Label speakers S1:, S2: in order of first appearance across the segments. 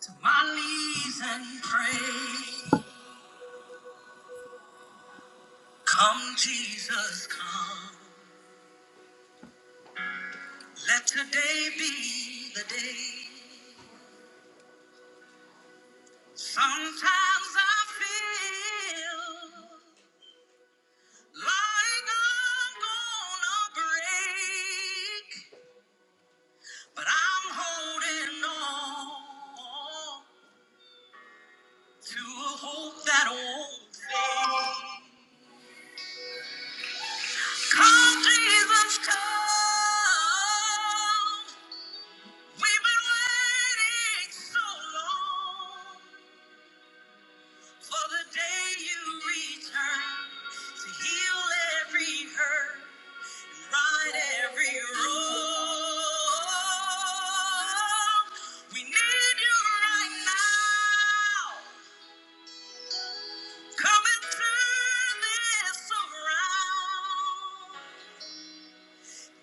S1: To my knees and pray. Come, Jesus, come. Let today be the day. Sometimes I feel like I'm gonna break, but I'm holding on to a hope that won't fade. Come, Jesus, come. We've been waiting so long for the day you return to heal every hurt and right every wrong. We need you right now. Come and turn this around.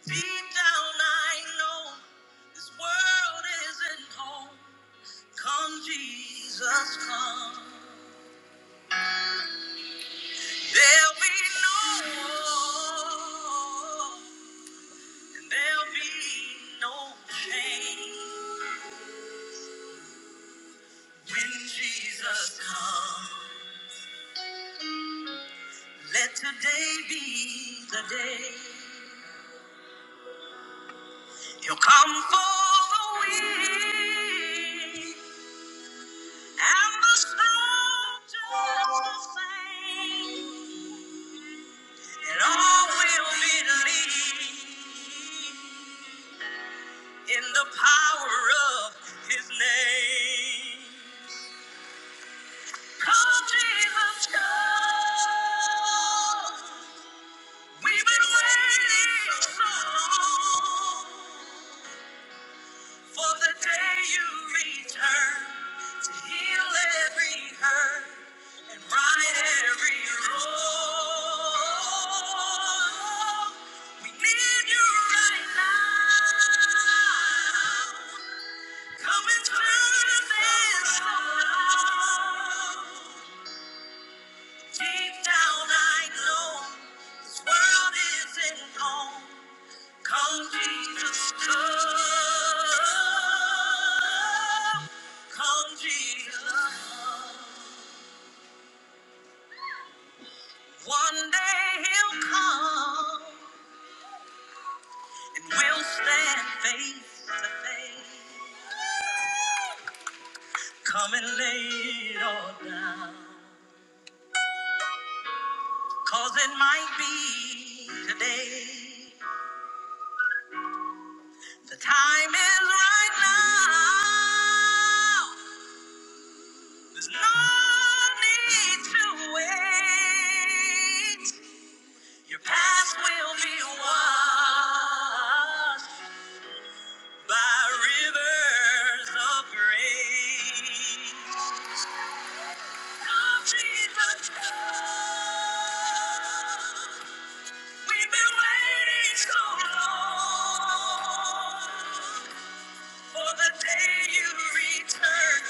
S1: Deep down, I know this world isn't home. Come, Jesus, come. There'll be no war, and there'll be no pain when Jesus comes. Let today be the day He'll come for the weak. And the scriptures will say, and all will believe in the power of his name. Come, Jesus, come. We've been waiting so long. For the day you return to heal every hurt and right every wrong. We need you right now. Come and turn this around. Deep down I know this world isn't home. Come, Jesus, come. Come, Jesus. One day he'll come and we'll stand face to face. Come and lay it all down. Cause it might be today. The time is right now. There's no need to wait. Your past will be washed by rivers of grace. Come, Jesus, come. We've been waiting so long. For the day you return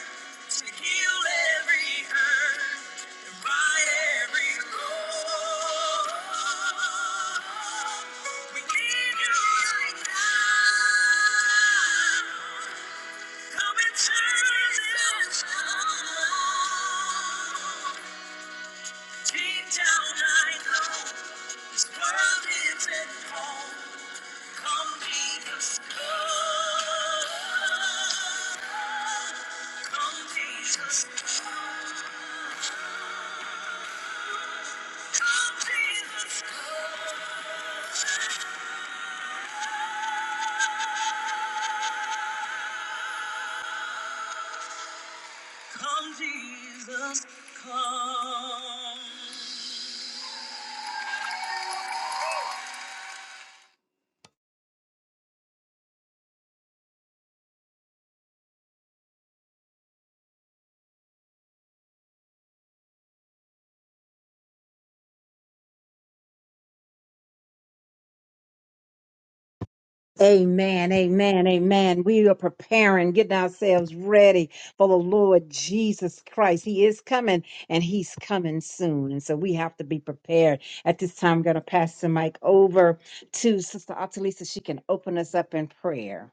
S1: to heal every hurt and right every wrong. We need you right now. Come and turn this around. Deep down I know this world isn't home. Come be the sky. Come Jesus, come Jesus, come Jesus, come.
S2: Amen, amen, amen. We are preparing, getting ourselves ready for the Lord Jesus Christ. He is coming and he's coming soon. And so we have to be prepared. At this time, I'm going to pass the mic over to Sister Atalisa. She can open us up in prayer.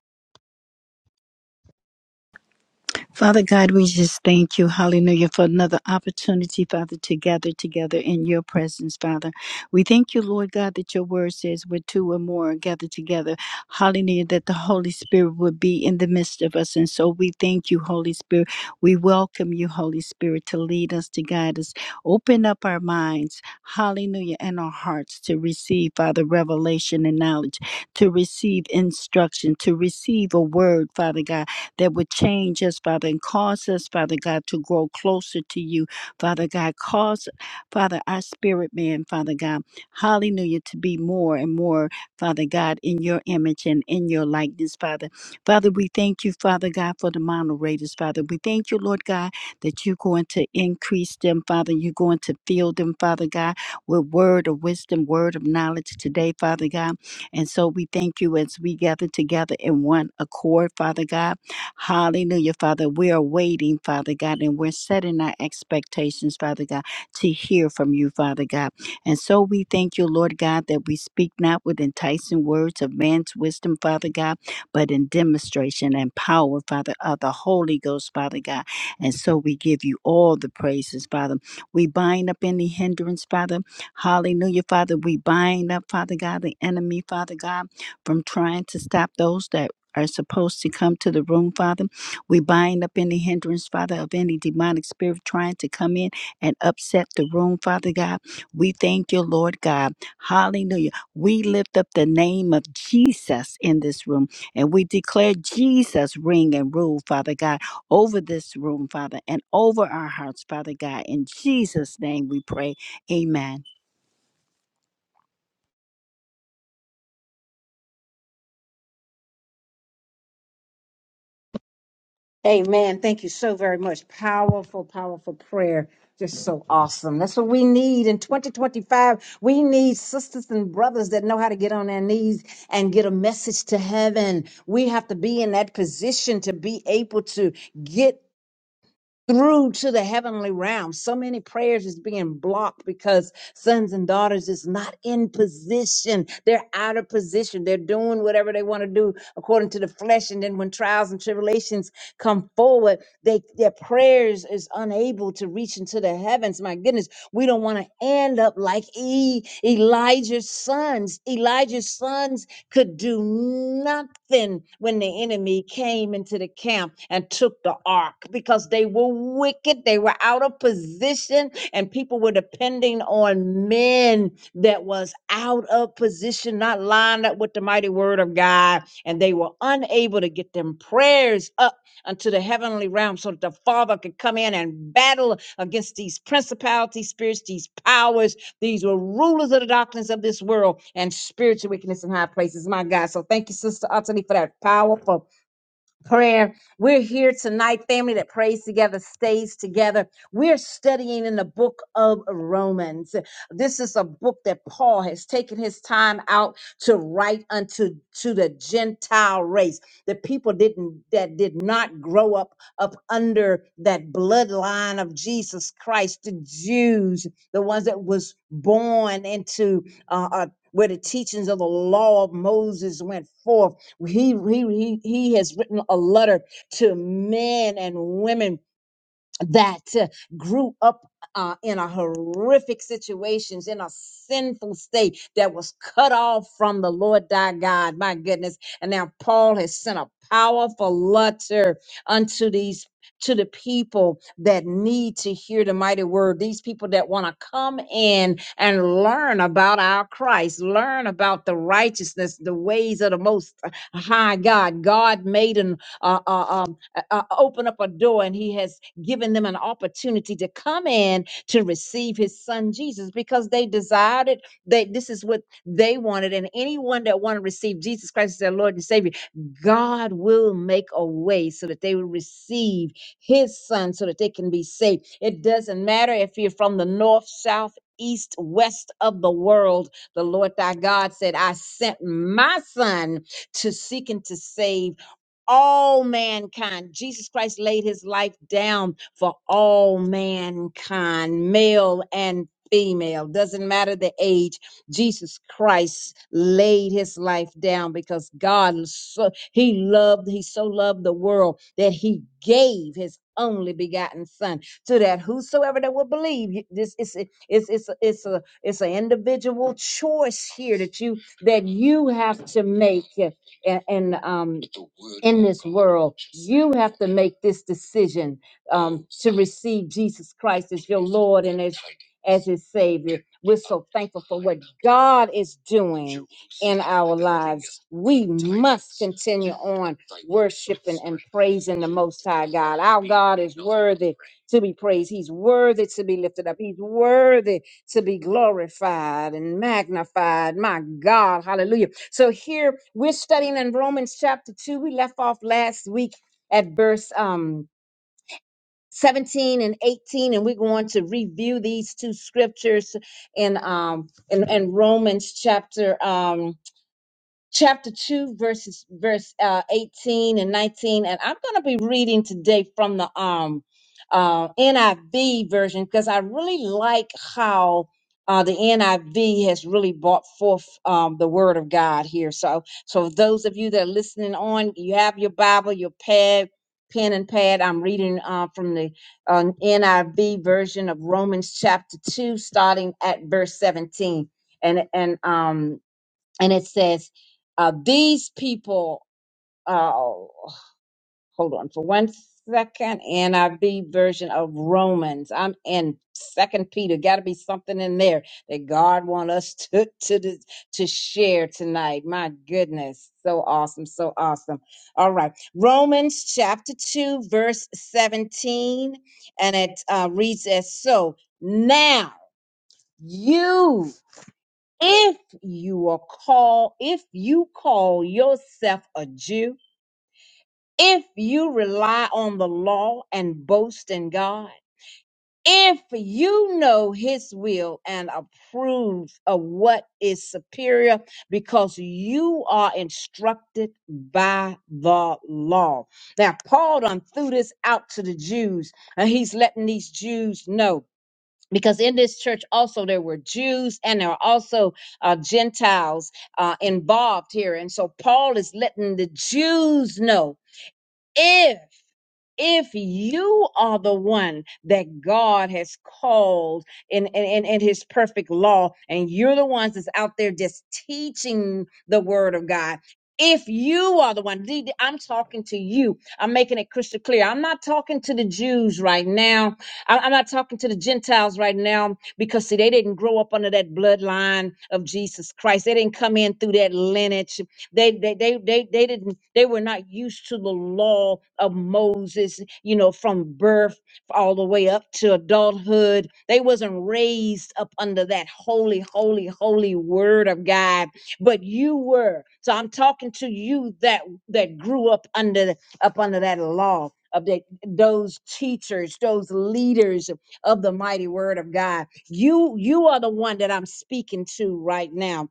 S3: Father God, we just thank you, hallelujah, for another opportunity, Father, to gather together in your presence, Father. We thank you, Lord God, that your word says where two or more are gathered together, hallelujah, that the Holy Spirit would be in the midst of us. And so we thank you, Holy Spirit. We welcome you, Holy Spirit, to lead us, to guide us. Open up our minds, hallelujah, and our hearts to receive, Father, revelation and knowledge, to receive instruction, to receive a word, Father God that would change us, Father, and cause us, Father God, to grow closer to you. Father God, cause, Father, our spirit man, Father God, hallelujah, to be more and more, Father God, in your image and in your likeness, Father. Father, we thank you, Father God, for the moderators, Father. We thank you, Lord God, that you're going to increase them, Father. You're going to fill them, Father God, with word of wisdom, word of knowledge today, Father God. And so we thank you as we gather together in one accord, Father God. Hallelujah, Father. We are waiting, Father God, and we're setting our expectations, Father God, to hear from you, Father God. And so we thank you, Lord God, that we speak not with enticing words of man's wisdom, Father God, but in demonstration and power, Father, of the Holy Ghost, Father God. And so we give you all the praises, Father. We bind up any hindrance, Father. Hallelujah, Father. We bind up, Father God, the enemy, Father God, from trying to stop those that are supposed to come to the room, Father. We bind up any hindrance, Father, of any demonic spirit trying to come in and upset the room, Father God. We thank you, Lord God. Hallelujah. We lift up the name of Jesus in this room and we declare Jesus reign and rule, Father God, over this room, Father, and over our hearts, Father God. In Jesus' name we pray. Amen.
S2: Amen. Thank you so very much. Powerful, powerful prayer. Just so awesome. That's what we need in 2025. We need sisters and brothers that know how to get on their knees and get a message to heaven. We have to be in that position to be able to get through to the heavenly realm. So many prayers is being blocked because sons and daughters is not in position. They're out of position. They're doing whatever they want to do according to the flesh. And then when trials and tribulations come forward, they their prayers is unable to reach into the heavens. My goodness, we don't want to end up like e, Elijah's sons. Elijah's sons could do nothing when the enemy came into the camp and took the ark because they were wicked, they were out of position, and people were depending on men that was out of position, not lined up with the mighty word of God, and they were unable to get them prayers up unto the heavenly realm so that the Father could come in and battle against these principalities, spirits, these powers these were rulers of the darkness of this world and spiritual wickedness in high places. My God. So thank you, Sister Anthony, for that powerful prayer. We're here tonight, family that prays together, stays together. We're studying in the book of Romans. This is a book that Paul has taken his time out to write unto to the Gentile race, the people didn't that did not grow up up under that bloodline of Jesus Christ, the Jews, the ones that was born into uh, uh, where the teachings of the law of Moses went forth he, he, he, he has written a letter to men and women that uh, grew up uh, in a horrific situations in a sinful state that was cut off from the lord thy god my goodness and now paul has sent a powerful letter unto these to the people that need to hear the mighty word these people that want to come in and learn about our christ learn about the righteousness the ways of the most high god god made an uh, uh, um, uh, uh, open up a door and he has giving them an opportunity to come in to receive his son Jesus because they desired it. They this is what they wanted. And anyone that wanted to receive Jesus Christ as their Lord and Savior, God will make a way so that they will receive his son so that they can be saved. It doesn't matter if you're from the north, south, east, west of the world. The Lord thy God said, I sent my son to seek and to save all mankind. Jesus Christ laid his life down for all mankind, male and female. Doesn't matter the age. Jesus Christ laid his life down because God so he loved, he so loved the world that he gave his only begotten son to that whosoever that will believe You- this is a- it's it's a- it's a it's an individual choice here that you that you have to make and, and um. in this world. You have to make this decision um, to receive Jesus Christ as your Lord and as as his savior. We're so thankful for what God is doing in our lives. We must continue on worshiping and praising the most high God. Our God is worthy to be praised. He's worthy to be lifted up. He's worthy to be glorified and magnified. My God, hallelujah. So here we're studying in Romans chapter 2. We left off last week at verse um 17 and 18 and we're going to review these two scriptures in um in, in Romans chapter um chapter 2 verses verse uh, 18 and 19 and i'm going to be reading today from the um uh, niv version because i really like how uh, the niv has really brought forth um, the word of god here so so those of you that are listening on you have your bible your pad pen and pad i'm reading uh, from the uh, niv version of romans chapter 2 starting at verse 17 and and um and it says, uh, these people, uh, hold on for one second, NIV version of Romans. I'm in Second Peter. Got to be something in there that God want us to to dis- to share tonight. My goodness, so awesome, so awesome. All right, Romans chapter two, verse seventeen, and it uh, reads as so. Now you if you are called, if you call yourself a Jew, if you rely on the law and boast in God, if you know his will and approve of what is superior because you are instructed by the law. Now, Paul done threw this out to the Jews and he's letting these Jews know because in this church also there were Jews and there were also uh, Gentiles uh, involved here. And so Paul is letting the Jews know if if you are the one that God has called in, in, in, in his perfect law, and you're the ones that's out there just teaching the word of God. If you are the one, D- D- I'm talking to you. I'm making it crystal clear. I'm not talking to the Jews right now. I- I'm not talking to the Gentiles right now because, see, they didn't grow up under that bloodline of Jesus Christ. They didn't come in through that lineage they they they they they didn't they were not used to the law of Moses, you know, from birth all the way up to adulthood. They wasn't raised up under that holy, holy, holy word of God, but you were. So I'm talking to you that that grew up under the- up under that law of that those teachers, those leaders of the mighty word of God. You you are the one that I'm speaking to right now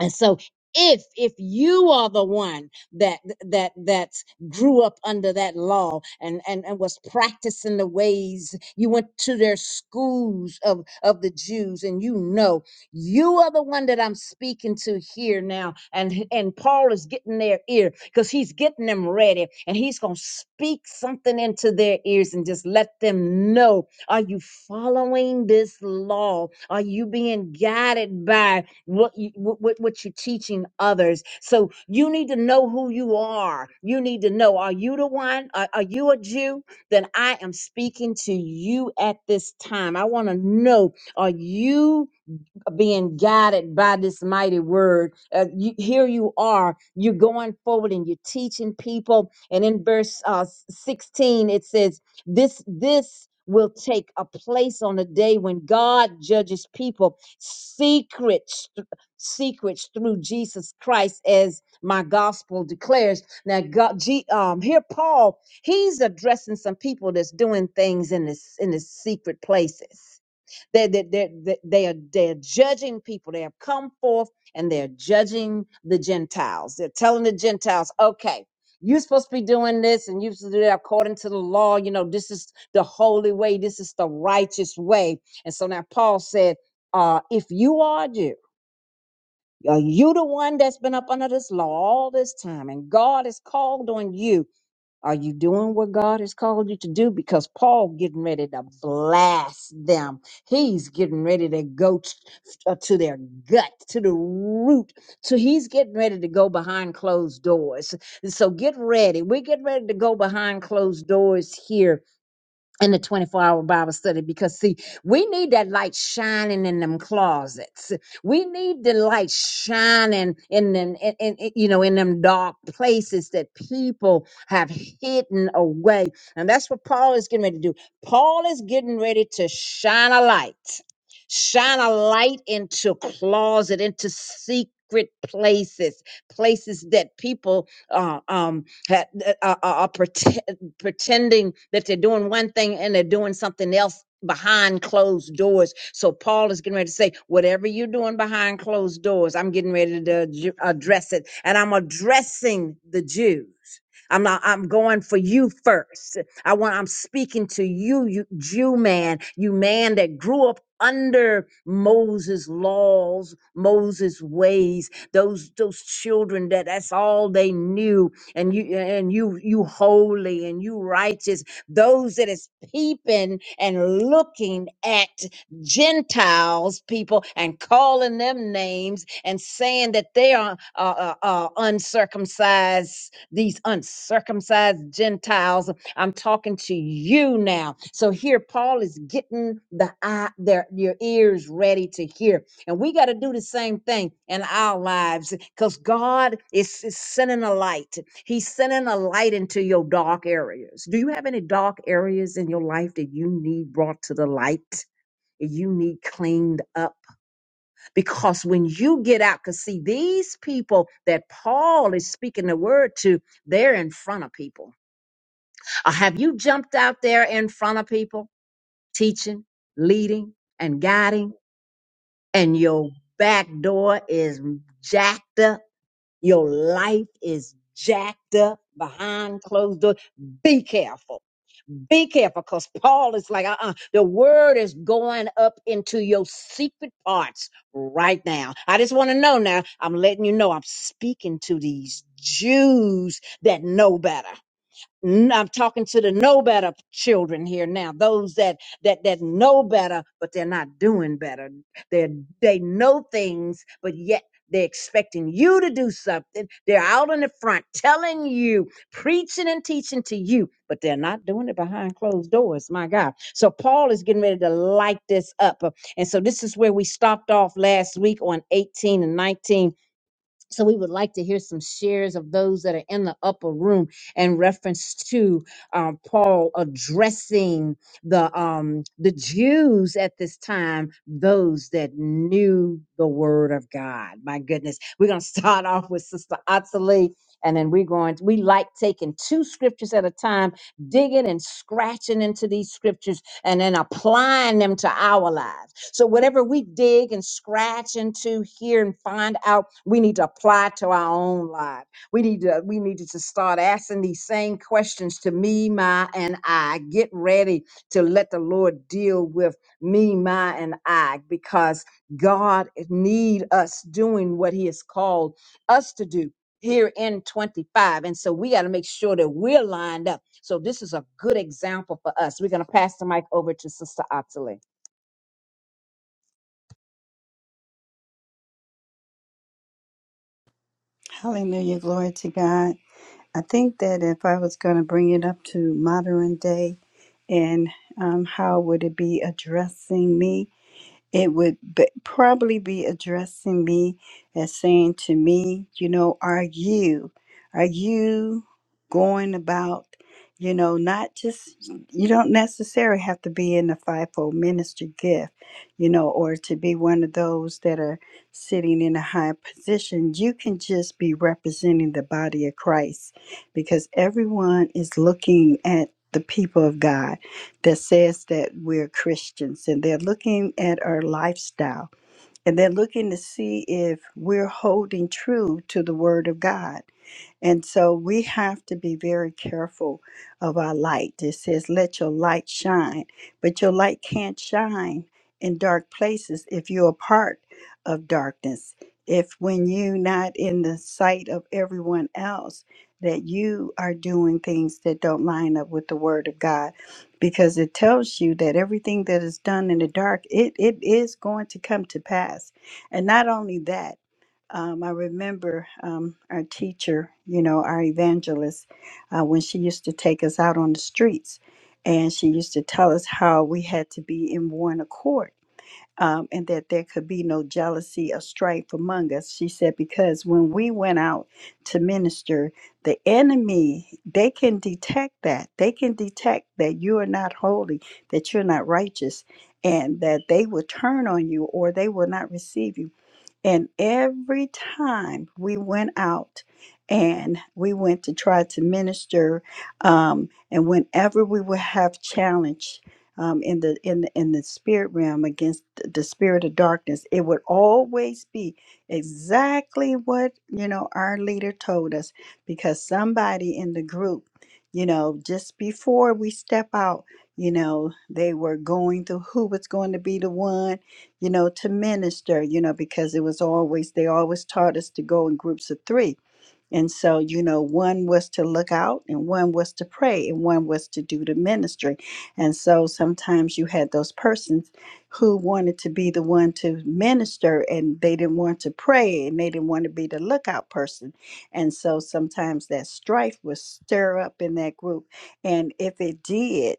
S2: and so if if you are the one that that that grew up under that law and and, and was practicing the ways you went to their schools of of the Jews and you know you are the one that I'm speaking to here now and h- and Paul is getting their ear cuz he's getting them ready and he's going to speak something into their ears and just let them know are you following this law are you being guided by what you what, what what you're teaching others so you need to know who you are you need to know are you the one are, are you a jew then i am speaking to you at this time i want to know are you being guided by this mighty word. Uh, you, here you are, you're going forward and you're teaching people. And in verse uh, 16, it says, This, this will take a place on the day when God judges people secrets secrets through Jesus Christ as my gospel declares now God G, um here Paul he's addressing some people that's doing things in this in the secret places they, they, they, they, they are they're judging people. They have come forth and they're judging the Gentiles. They're telling the Gentiles, okay, you're supposed to be doing this and you're supposed to do that according to the law. You know, this is the holy way, this is the righteous way. And so now Paul said, uh, if you are a Jew, are you the one that's been up under this law all this time? And God has called on you are you doing what God has called you to do? Because Paul getting ready to blast them. He's getting ready to go t- uh, to their gut, to the root. So he's getting ready to go behind closed doors. So get ready. We're getting ready to go behind closed doors here in the 24 hour Bible study because, see, we need that light shining in them closets. We need the light shining in them, in, in, in, you know, in them dark places that people have hidden away. And that's what Paul is getting ready to do. Paul is getting ready to shine a light, shine a light into closet, into secret. Places, places that people uh, um, ha- uh, are, pretending that they're doing one thing and they're doing something else behind closed doors. So Paul is getting ready to say, whatever you're doing behind closed doors, I'm getting ready to ad- address it. And I'm addressing the Jews. I'm not, I'm going for you first. I want, I'm speaking to you, you Jew man, you man that grew up under Moses' laws, Moses' ways, those, those children that that's all they knew and you and you you holy and you righteous those that is peeping and looking at gentiles people and calling them names and saying that they are uh, uh, uh, uncircumcised these uncircumcised gentiles i'm talking to you now so here paul is getting the eye their your ears ready to hear and we got to do the same thing in our lives because God is, is sending a light. He's sending a light into your dark areas. Do you have any dark areas in your life that you need brought to the light? that You need cleaned up because when you get out, because see, these people that Paul is speaking the word to, they're in front of people. Uh, have you jumped out there in front of people, teaching, leading, and guiding? and your back door is jacked up, your life is jacked up behind closed doors. Be careful. Be careful because Paul is like, uh uh the word is going up into your secret parts right now. I just want to know now. I'm letting you know I'm speaking to these Jews that know better. N- I'm talking to the know better children here now. Those that that that know better, but they're not doing better. They they know things, but yet they're expecting you to do something. They're out in the front telling you, preaching and teaching to you, but they're not doing it behind closed doors. My God! So Paul is getting ready to light this up, Uh, and so this is where we stopped off last week on 18 and 19 so we would like to hear some shares of those that are in the upper room in reference to um, Paul addressing the um, the Jews at this time, those that knew the Word of God. My goodness, we're gonna start off with Sister Ottilie, and then we're going. we like taking two scriptures at a time, digging and scratching into these scriptures and then applying them to our lives. So, whatever we dig and scratch into here and find out, we need to apply to our own life. We need to we needed to start asking these same questions to me, my, and I. Get ready to let the Lord deal with me, my, and I, because God need us doing what He has called us to do here in 25. And so we got to make sure that we're lined up so this is a good example for us. We're going to pass the mic over to Sister Ottilie.
S3: Hallelujah. Glory to God. I think that if I was going to bring it up to modern day, and um, how would it be addressing me? It would be, probably be addressing me as saying to me, you know, are you, are you going about, you know, not just, you don't necessarily have to be in the fivefold ministry gift, you know, or to be one of those that are sitting in a high position. You can just be representing the body of Christ because everyone is looking at the people of God that says that we're Christians and they're looking at our lifestyle and they're looking to see if we're holding true to the Word of God. And so we have to be very careful of our light. It says, let your light shine, but your light can't shine in dark places if you're a part of darkness. If when you're not in the sight of everyone else, that you are doing things that don't line up with the word of God, because it tells you that everything that is done in the dark, it, it is going to come to pass. And not only that, um, I remember um, our teacher, you know, our evangelist, uh, when she used to take us out on the streets and she used to tell us how we had to be in one accord um, and that there could be no jealousy or strife among us. She said, because when we went out to minister, the enemy, they can detect that. They can detect that you are not holy, that you're not righteous, and that they will turn on you or they will not receive you and every time we went out and we went to try to minister, um, and whenever we would have challenge um, in the in the, in the spirit realm against th- the spirit of darkness, it would always be exactly what you know our leader told us, because somebody in the group, you know, just before we step out, you know, they were going through who was going to be the one you know, to minister, you know, because it was always, they always taught us to go in groups of three and so, you know, one was to look out and one was to pray and one was to do the ministry. And so sometimes you had those persons who wanted to be the one to minister and they didn't want to pray and they didn't want to be the lookout person. And so sometimes that strife would stir up in that group. And if it did,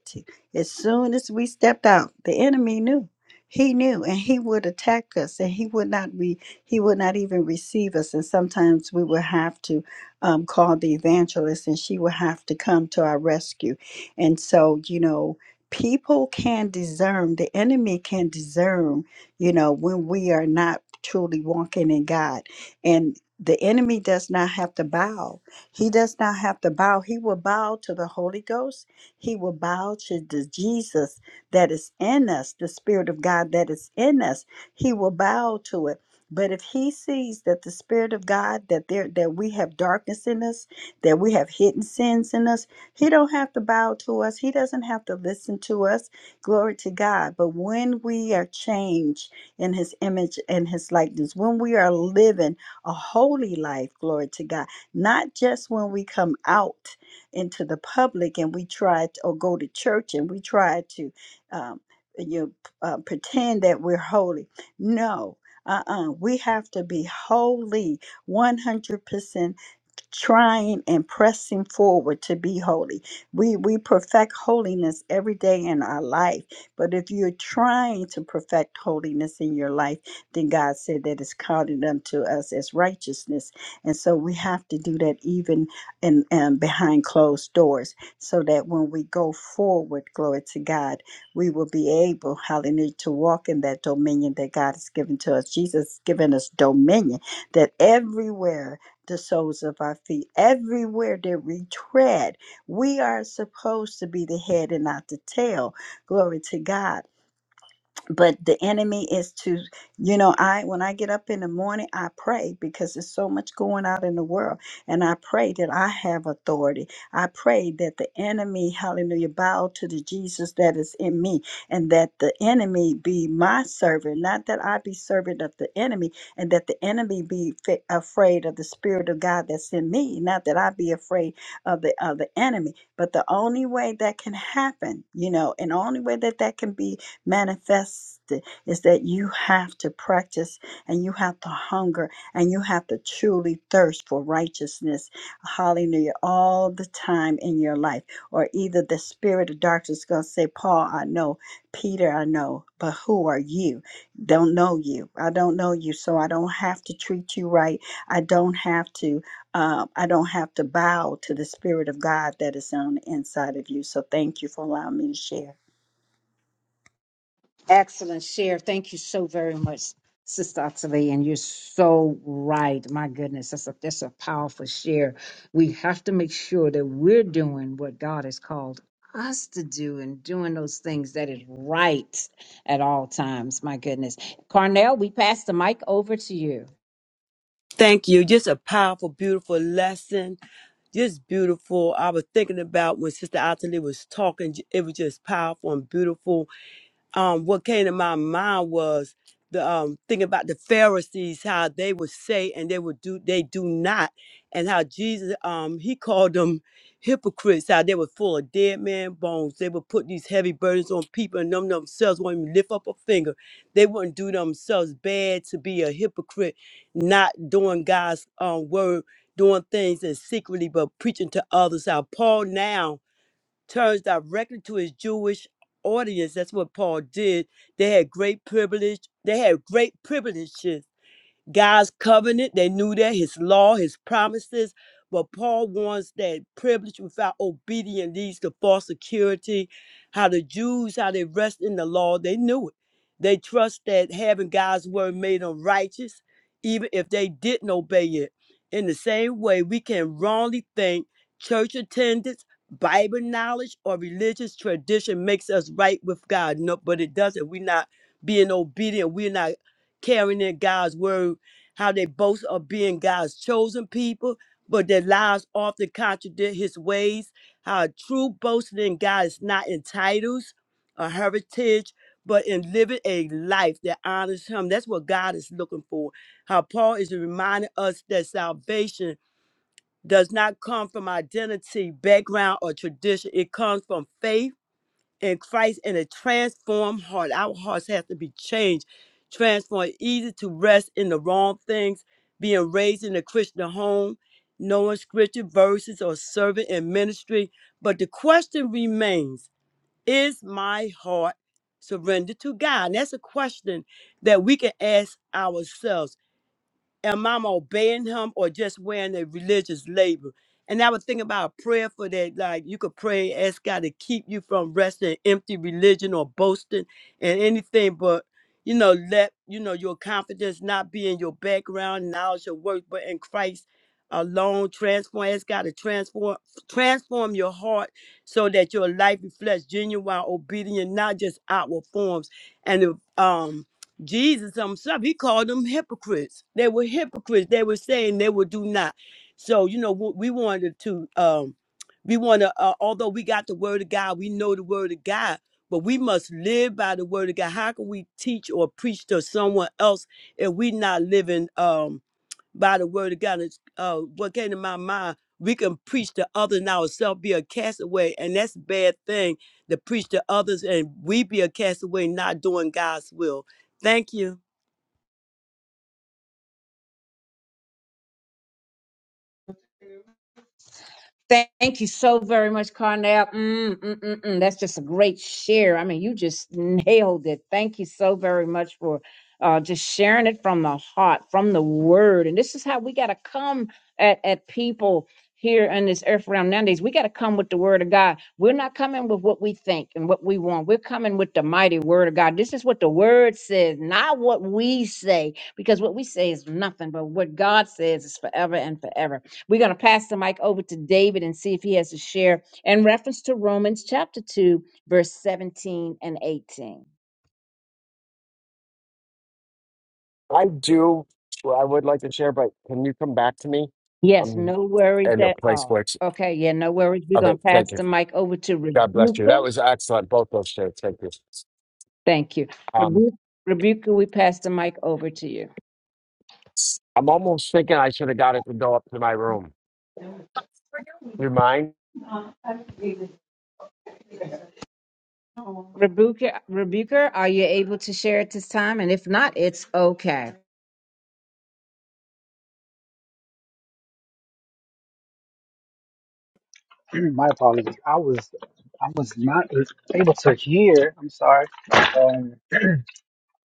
S3: as soon as we stepped out, the enemy knew. He knew and he would attack us and he would not be he would not even receive us. And sometimes we would have to um, called the evangelist, and she would have to come to our rescue. And so, you know, people can discern, the enemy can discern, you know, when we are not truly walking in God. And the enemy does not have to bow. He does not have to bow. He will bow to the Holy Ghost. He will bow to the Jesus that is in us, the Spirit of God that is in us. He will bow to it but if he sees that the Spirit of God, that there that we have darkness in us, that we have hidden sins in us, he don't have to bow to us. He doesn't have to listen to us. Glory to God. But when we are changed in his image and his likeness, when we are living a holy life, glory to God, not just when we come out into the public and we try to or go to church and we try to um, you know, uh, pretend that we're holy. No, uh-uh. We have to be wholly 100% trying and pressing forward to be holy. We we perfect holiness every day in our life. But if you're trying to perfect holiness in your life, then God said that it's counted unto us as righteousness. And so we have to do that even in um, behind closed doors, so that when we go forward, glory to God, we will be able, hallelujah, to walk in that dominion that God has given to us. Jesus has given us dominion that everywhere the soles of our feet. Everywhere that we tread, we are supposed to be the head and not the tail. Glory to God but the enemy is to you know i when i get up in the morning i pray because there's so much going out in the world and i pray that i have authority i pray that the enemy hallelujah bow to the jesus that is in me and that the enemy be my servant not that i be servant of the enemy and that the enemy be fa- afraid of the spirit of god that's in me not that i be afraid of the of the enemy but the only way that can happen you know and only way that that can be manifest it is that you have to practice and you have to hunger and you have to truly thirst for righteousness. Hallelujah. All the time in your life. Or either the spirit of darkness is going to say, Paul, I know. Peter, I know. But who are you? Don't know you. I don't know you. So I don't have to treat you right. I don't have to. Uh, I don't have to bow to the Spirit of God that is on the inside of you. So, thank you for allowing me to share.
S2: Excellent share. Thank you so very much, Sister Ottilie. And you're so right. My goodness, that's a, that's a powerful share. We have to make sure that we're doing what God has called us to do and doing those things that is right at all times. My goodness. Carnell, we pass the mic over to you.
S4: Thank you. Just a powerful, beautiful lesson. Just beautiful. I was thinking about when Sister Atalie was talking. It was just powerful and beautiful um, what came to my mind was the um, thing about the Pharisees, how they would say and they would do, they do not, and how Jesus, um, he called them hypocrites, how they were full of dead man bones. They would put these heavy burdens on people, and them themselves won't even lift up a finger. They wouldn't do themselves bad to be a hypocrite, not doing God's um, word, doing things in secretly, but preaching to others. How Paul now turns directly to his Jewish audience. That's what Paul did. They had great privilege. They had great privileges God's covenant. They knew that, his law, his promises. But Paul warns that privilege without obedience leads to false security. How the Jews, how they rest in the law, they knew it. They trust that having God's word made them righteous, even if they didn't obey it. In the same way, we can wrongly think church attendance, Bible knowledge, or religious tradition makes us right with God. No, but it doesn't. We're not being obedient. We're not carrying in God's word how they boast of being God's chosen people, but their lives often contradict his ways. How true boasting in God is not in titles or heritage, but in living a life that honors him. That's what God is looking for. How Paul is reminding us that salvation does not come from identity, background, or tradition, it comes from faith in Christ and a transformed heart. Our hearts have to be changed, transformed, easy to rest in the wrong things, being raised in a Christian home, knowing scripture verses or serving in ministry. But the question remains is my heart surrendered to God? And that's a question that we can ask ourselves am I obeying him or just wearing a religious label? And I would think about a prayer for that. Like you could pray, ask God to keep you from resting in empty religion or boasting and anything, but you know, let you know your confidence not be in your background, knowledge, or work, but in Christ alone. Transform, ask God to transform, transform your heart so that your life reflects genuine obedience, not just outward forms. And if, um, Jesus himself, he called them hypocrites. They were hypocrites. They were saying they would do not. So, you know, we we wanted to, um, we want to, uh, although we got the word of God, we know the word of God, but we must live by the word of God. How can we teach or preach to someone else if we not living? um, by the word of God. It's, uh, what came to my mind, we can preach to others and ourselves be a castaway, and that's a bad thing to preach to others and we be a castaway not doing God's will. Thank you.
S2: Thank you so very much, Carnell. Mm, mm, mm, mm. That's just a great share. I mean, you just nailed it. Thank you so very much for uh, just sharing it from the heart, from the word. And this is how we got to come at, at people here in this earth realm nowadays. We got to come with the word of God. We're not coming with what we think and what we want. We're coming with the mighty word of God. This is what the word says, not what we say, because what we say is nothing, but what God says is forever and forever. We're going to pass the mic over to David and see if he has to share in reference to Romans chapter 2, verse 17 and 18.
S5: I do. Well, I would like to share, but can you come back to me?
S2: Yes,
S5: I'm
S2: no worries
S5: in a
S2: at
S5: place where
S2: all.
S5: it's
S2: Okay, yeah, no worries. We're
S5: of
S2: going
S5: it.
S2: to pass
S5: Thank you.
S2: the mic over to
S5: God bless you. That
S2: Rebuka.
S5: was excellent. Both those shares. Thank you.
S2: Thank you.
S5: Um,
S2: Rebu- Rebuka, we pass the mic over to you.
S5: I'm almost thinking I should have got it to go up to my room. You mind?
S2: Rebuka, Rebuka, are you able to share at this time? And if not, it's okay.
S6: My apologies. I was I was not able to hear. I'm sorry. Um,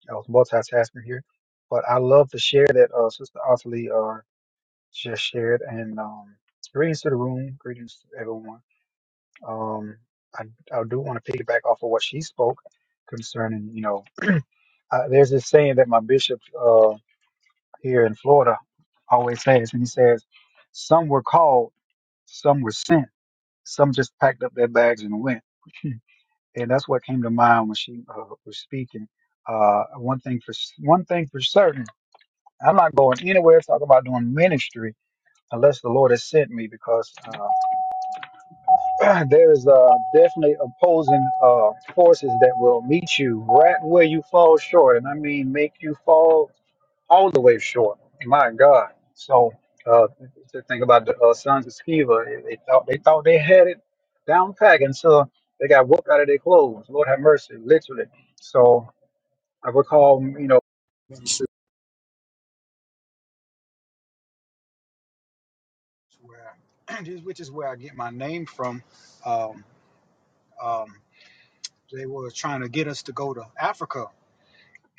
S6: I was multitasking here, but I love to share that uh, Sister Ottilie uh, just shared. And um, greetings to the room. Greetings to everyone. Um, I I do want to piggyback off of what she spoke concerning. You know, uh, there's this saying that my bishop uh, here in Florida always says, and he says, "Some were called, some were sent, some just packed up their bags and went." and that's what came to mind when she uh, was speaking. Uh, one thing for one thing for certain, I'm not going anywhere talking about doing ministry unless the Lord has sent me, because uh, there is uh, definitely opposing uh, forces that will meet you right where you fall short, and I mean make you fall all the way short. My God. So uh, to think about the uh, sons of Sceva, they they thought they thought they had it down pack until they got whooped out of their clothes. Lord have mercy, literally. So I recall, you know, ministry where this- which is where I get my name from. Um, um, they were trying to get us to go to Africa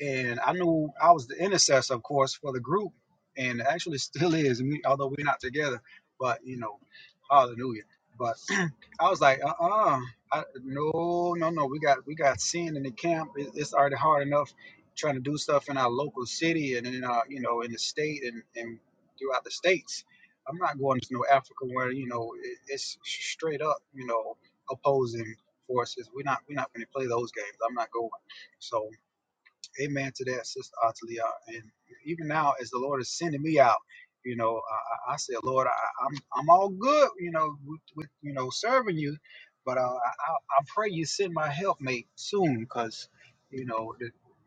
S6: and I knew I was the intercessor, of course, for the group, and actually still is, me- although we're not together. But you know, hallelujah. But I was like, uh, uh I, no, no, no. We got we got sin in the camp. It, it's already hard enough trying to do stuff in our local city and in our, you know, in the state and and throughout the states. I'm not going to no Africa where you know it, it's straight up, you know, opposing forces. We're not we're not going to play those games. I'm not going. So Amen to that, Sister Atalia. And even now, as the Lord is sending me out, you know, I, I I said, Lord, I, I'm I'm all good, you know, with, with you know serving you, but uh, I I I pray you send my helpmate soon, because you know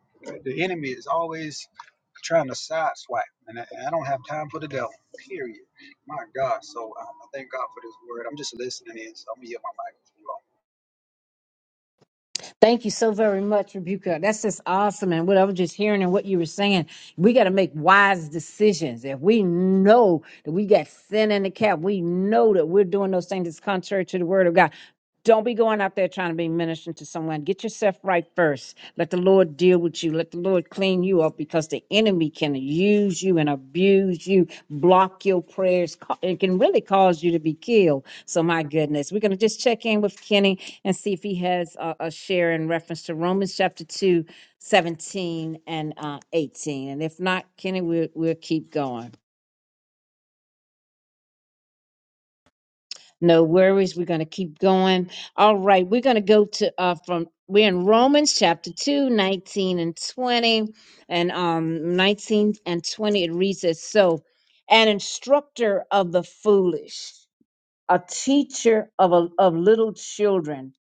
S6: the the enemy is always trying to sideswipe, and I, I don't have time for the devil. Period. My God. So I, I thank God for this word. I'm just listening in. So I'm gonna yield my mic.
S2: Thank you so very much, Rebuka. That's just awesome. And what I was just hearing and what you were saying, we got to make wise decisions. If we know that we got sin in the cap, we know that we're doing those things that's contrary to the word of God. Don't be going out there trying to be ministering to someone. Get yourself right first. Let the Lord deal with you. Let the Lord clean you up because the enemy can use you and abuse you, block your prayers. ca- It can really cause you to be killed. So, my goodness, we're going to just check in with Kenny and see if he has a, a share in reference to Romans chapter 2, 17 and uh, 18. And if not, Kenny, we'll, we'll keep going. No worries. We're going to keep going. All right. We're going to go to uh from we're in Romans chapter 2 19 and 20. And um 19 and 20 it reads as so an instructor of the foolish, a teacher of a, of little children,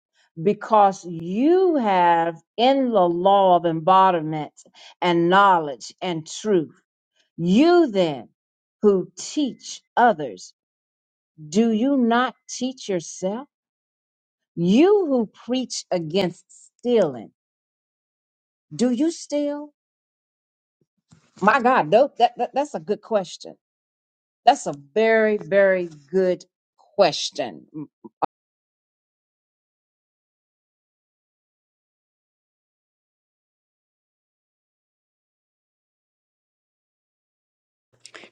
S2: because you have in the law of embodiment and knowledge and truth. You then who teach others, do you not teach yourself? You who preach against stealing, do you steal? My God, no, that, that, that's a good question. That's a very, very good question.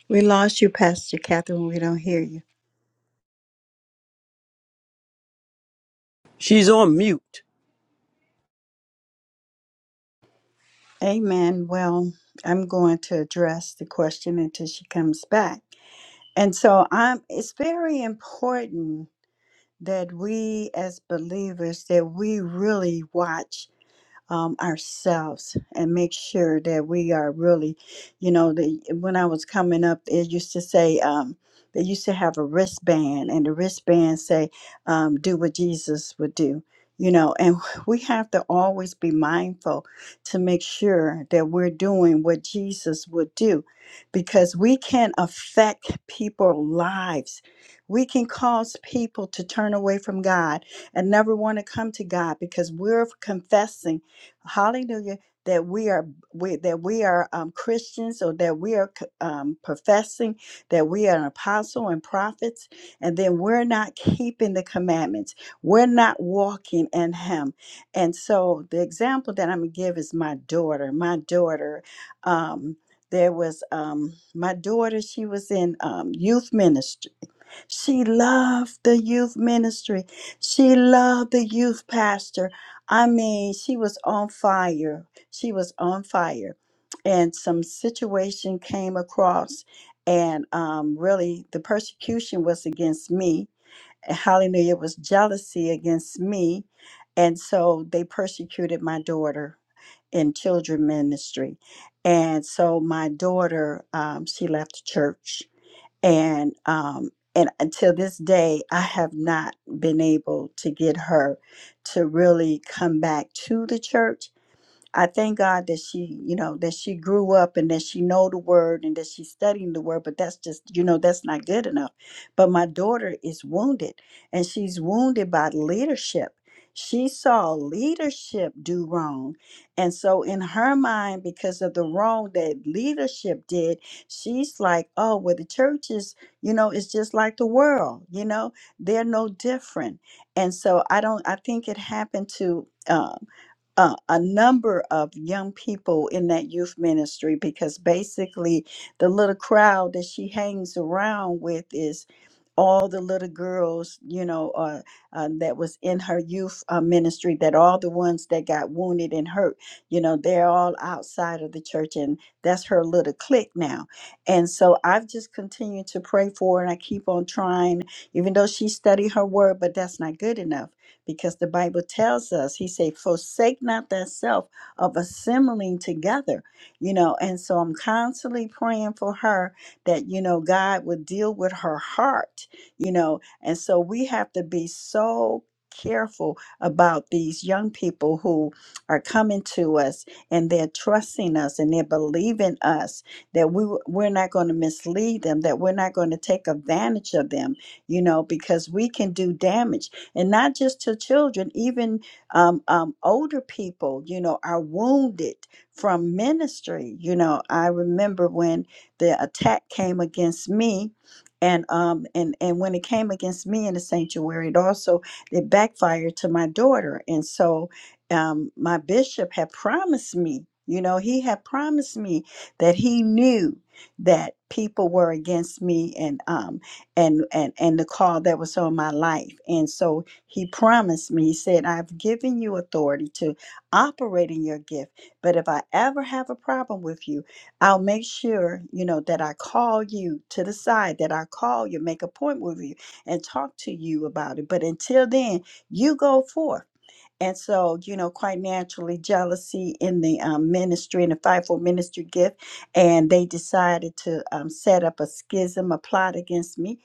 S3: We lost you, Pastor Catherine. We don't hear you.
S4: She's on mute.
S3: Amen. Well, I'm going to address the question until she comes back. And so I'm it's very important that we as believers that we really watch um, ourselves and make sure that we are really, you know, the, when I was coming up, they used to say, um, they used to have a wristband, and the wristband say, um, "Do what Jesus would do," you know. And we have to always be mindful to make sure that we're doing what Jesus would do, because we can affect people's lives. We can cause people to turn away from God and never want to come to God because we're confessing hallelujah that we are we, that we are um, christians or that we are c- um, professing that we are an apostle and prophets and then we're not keeping the commandments we're not walking in him and so the example that i'm gonna give is my daughter my daughter um, there was um, my daughter she was in um, youth ministry she loved the youth ministry. She loved the youth pastor. I mean, she was on fire. She was on fire. And some situation came across, and um, really the persecution was against me. Hallelujah, it was jealousy against me. And so they persecuted my daughter in children ministry. And so my daughter, um, she left the church and um and until this day i have not been able to get her to really come back to the church I thank God that she, you know, that she grew up and that she know the word and that she's studying the word, but that's just, you know, that's not good enough. But my daughter is wounded and she's wounded by leadership. She saw leadership do wrong. And so in her mind, because of the wrong that leadership did, she's like, oh, well, the church is, you know, it's just like the world, you know, they're no different. And so I don't, I think it happened to um, uh, a number of young people in that youth ministry because basically the little crowd that she hangs around with is all the little girls you know uh, uh, that was in her youth uh, ministry that all the ones that got wounded and hurt you know they're all outside of the church and that's her little clique now and so i've just continued to pray for her and i keep on trying even though she studied her word but that's not good enough because the Bible tells us, he said, forsake not thyself of assembling together, you know. And so I'm constantly praying for her that, you know, God would deal with her heart, you know. And so we have to be so careful about these young people who are coming to us and they're trusting us and they're believing us that we we're not going to mislead them that we're not going to take advantage of them you know because we can do damage and not just to children, even um, um, older people, you know, are wounded from ministry. You know, I remember when the attack came against me. And um and and when it came against me in the sanctuary, it also it backfired to my daughter. And so um my bishop had promised me, you know, he had promised me that he knew that people were against me and um and and and the call that was on my life and so he promised me, He said, I've given you authority to operate in your gift, but if I ever have a problem with you, I'll make sure, you know, that I call you to the side, that I call you, make a point with you, and talk to you about it. But until then, you go forth. And so, you know, quite naturally, jealousy in the um, ministry and the fivefold ministry gift. And they decided to um, set up a schism, a plot against me.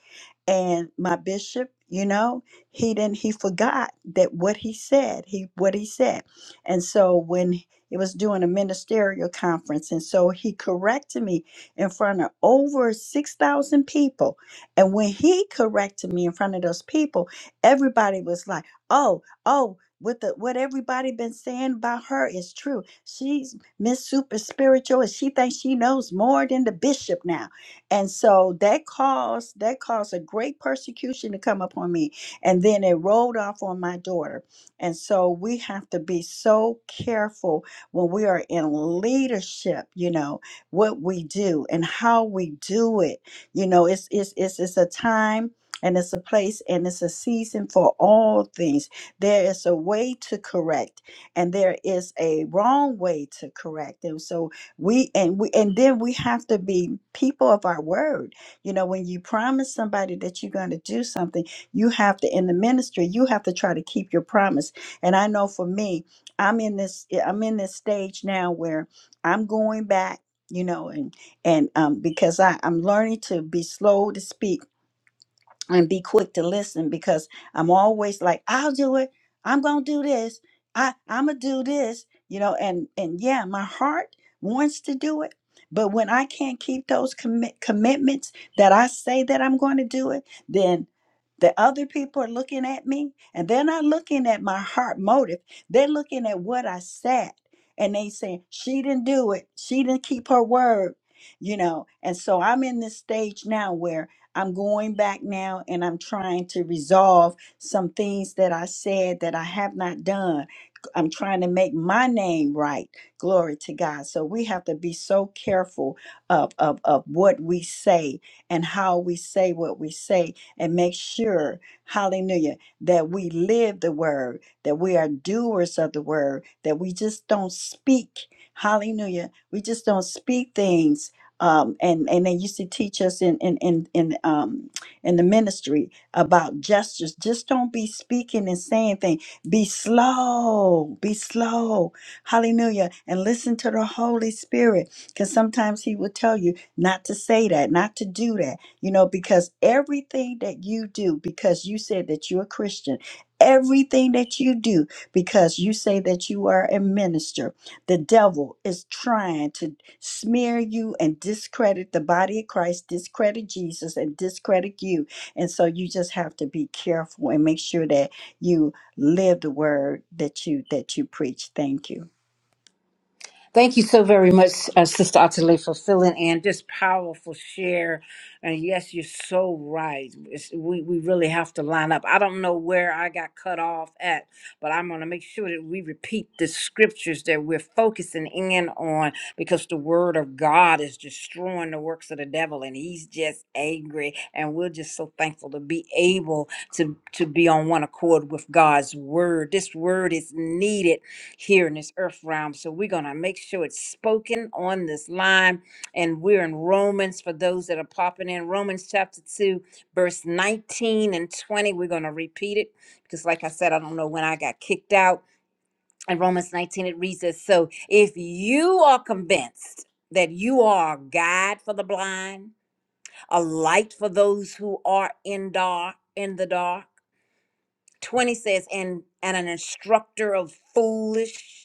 S3: And my bishop, you know, he didn't, he forgot that what he said, he, what he said. And so when it was doing a ministerial conference, and so he corrected me in front of over 6,000 people. And when he corrected me in front of those people, everybody was like, oh, oh, with the what everybody been saying about her is true. She's Miss Super Spiritual, and she thinks she knows more than the bishop now. And so that caused that caused a great persecution to come upon me, and then it rolled off on my daughter. And so we have to be so careful when we are in leadership. You know what we do and how we do it. You know, it's it's it's it's a time and it's a place and it's a season for all things there is a way to correct, and there is a wrong way to correct. And so we and we and then we have to be people of our word. You know, when you promise somebody that you're going to do something, you have to in the ministry, you have to try to keep your promise. And I know for me, I'm in this eh, I'm in this stage now where I'm going back, you know, and and um because I, I'm learning to be slow to speak and be quick to listen because I'm always like, I'll do it. I'm gonna do this. I I'm gonna do this. You know, and and yeah, my heart wants to do it, but when I can't keep those commit commitments that I say that I'm going to do it, then the other people are looking at me, and they're not looking at my heart motive. They're looking at what I said, and they saying she didn't do it. She didn't keep her word. You know, and so I'm in this stage now I'm going back now and I'm trying to resolve some things that I said that I have not done. I'm trying to make my name right. Glory to God. So we have to be so careful of, of, of what we say and how we say what we say and make sure, hallelujah, that we live the word, that we are doers of the word, that we just don't speak. Hallelujah. We just don't speak things um, and and they used to teach us in in in in um, in the ministry about gestures. Just don't be speaking and saying things. Be slow. Be slow. Hallelujah. And listen to the Holy Spirit, because sometimes He will tell you not to say that, not to do that. You know, because everything that you do, because you said that you're a Christian. Everything that you do, because you say that you are a minister, the devil is trying to smear you and discredit the body of Christ, discredit Jesus, and discredit you. And so you just have to be careful and make sure that you live the word that you that you preach. Thank you.
S1: Thank you so very much, uh, Sister Atale, for filling in this powerful share. And yes, you're so right. It's, we, we really have to line up. I don't know where I got cut off at, but I'm going to make sure that we repeat the scriptures that we're focusing in on because the word of God is destroying the works of the devil and he's just angry. And we're just so thankful to be able to, to be on one accord with God's word. This word is needed here in this earth realm. So we're going to make sure it's spoken on this line. And we're in Romans for those that are popping in. Romans chapter 2, verse 19 and 20. We're going to repeat it because, like I said, I don't know when I got kicked out. In Romans 19, it reads this So if you are convinced that you are a guide for the blind, a light for those who are in dark, in the dark, 20 says, and, and an instructor of foolish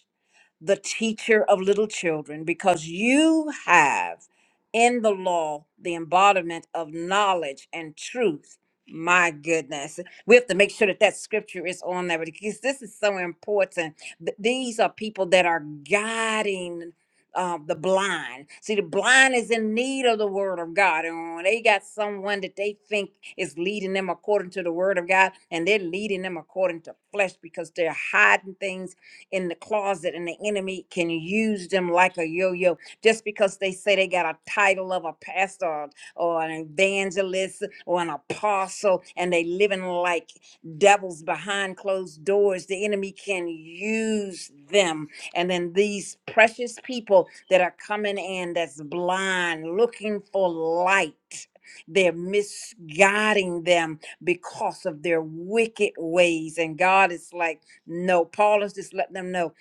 S1: the teacher of little children, because you have in the law the embodiment of knowledge and truth. My goodness. We have to make sure that that scripture is on there because this is so important. Th- These are people that are guiding uh, the blind. See, the blind is in need of the word of God. And when they got someone that they think is leading them according to the word of God, and they're leading them according to flesh because they're hiding things in the closet and the enemy can use them like a yo-yo just because they say they got a title of a pastor or, or an evangelist or an apostle and they living like devils behind closed doors the enemy can use them and then these precious people that are coming in that's blind looking for light they're misguiding them because of their wicked ways and god is like no, Paul is just letting them know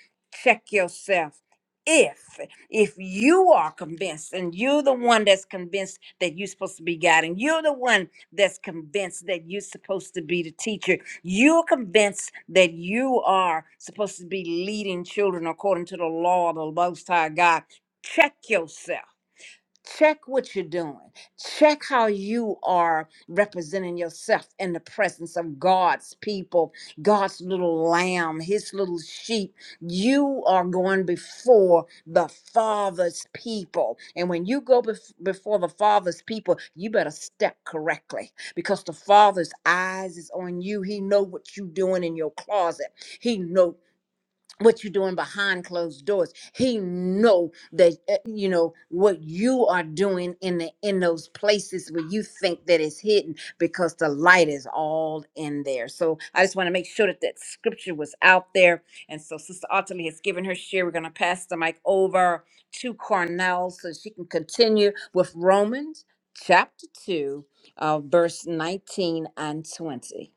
S1: check yourself. If if you are convinced and you're the one that's convinced that you're supposed to be guiding, you're the one that's convinced that you're supposed to be the teacher, you're convinced that you are supposed to be leading children according to the law of the most high God. Check yourself. Check what you're doing. Check how you are representing yourself in the presence of God's people, God's little lamb, his little sheep. You are going before the Father's people. And when you go bef- before the Father's people, you better step correctly because the Father's eyes is on you. He know what you're doing in your closet. He know what you're doing behind closed doors he know that uh, you know what you are doing in the in those places where you think that it's hidden because the light is all in there so i just want to make sure that that scripture was out there and so sister ultimately has given her share we're going to pass the mic over to cornell so she can continue with romans chapter 2 uh, verse 19 and 20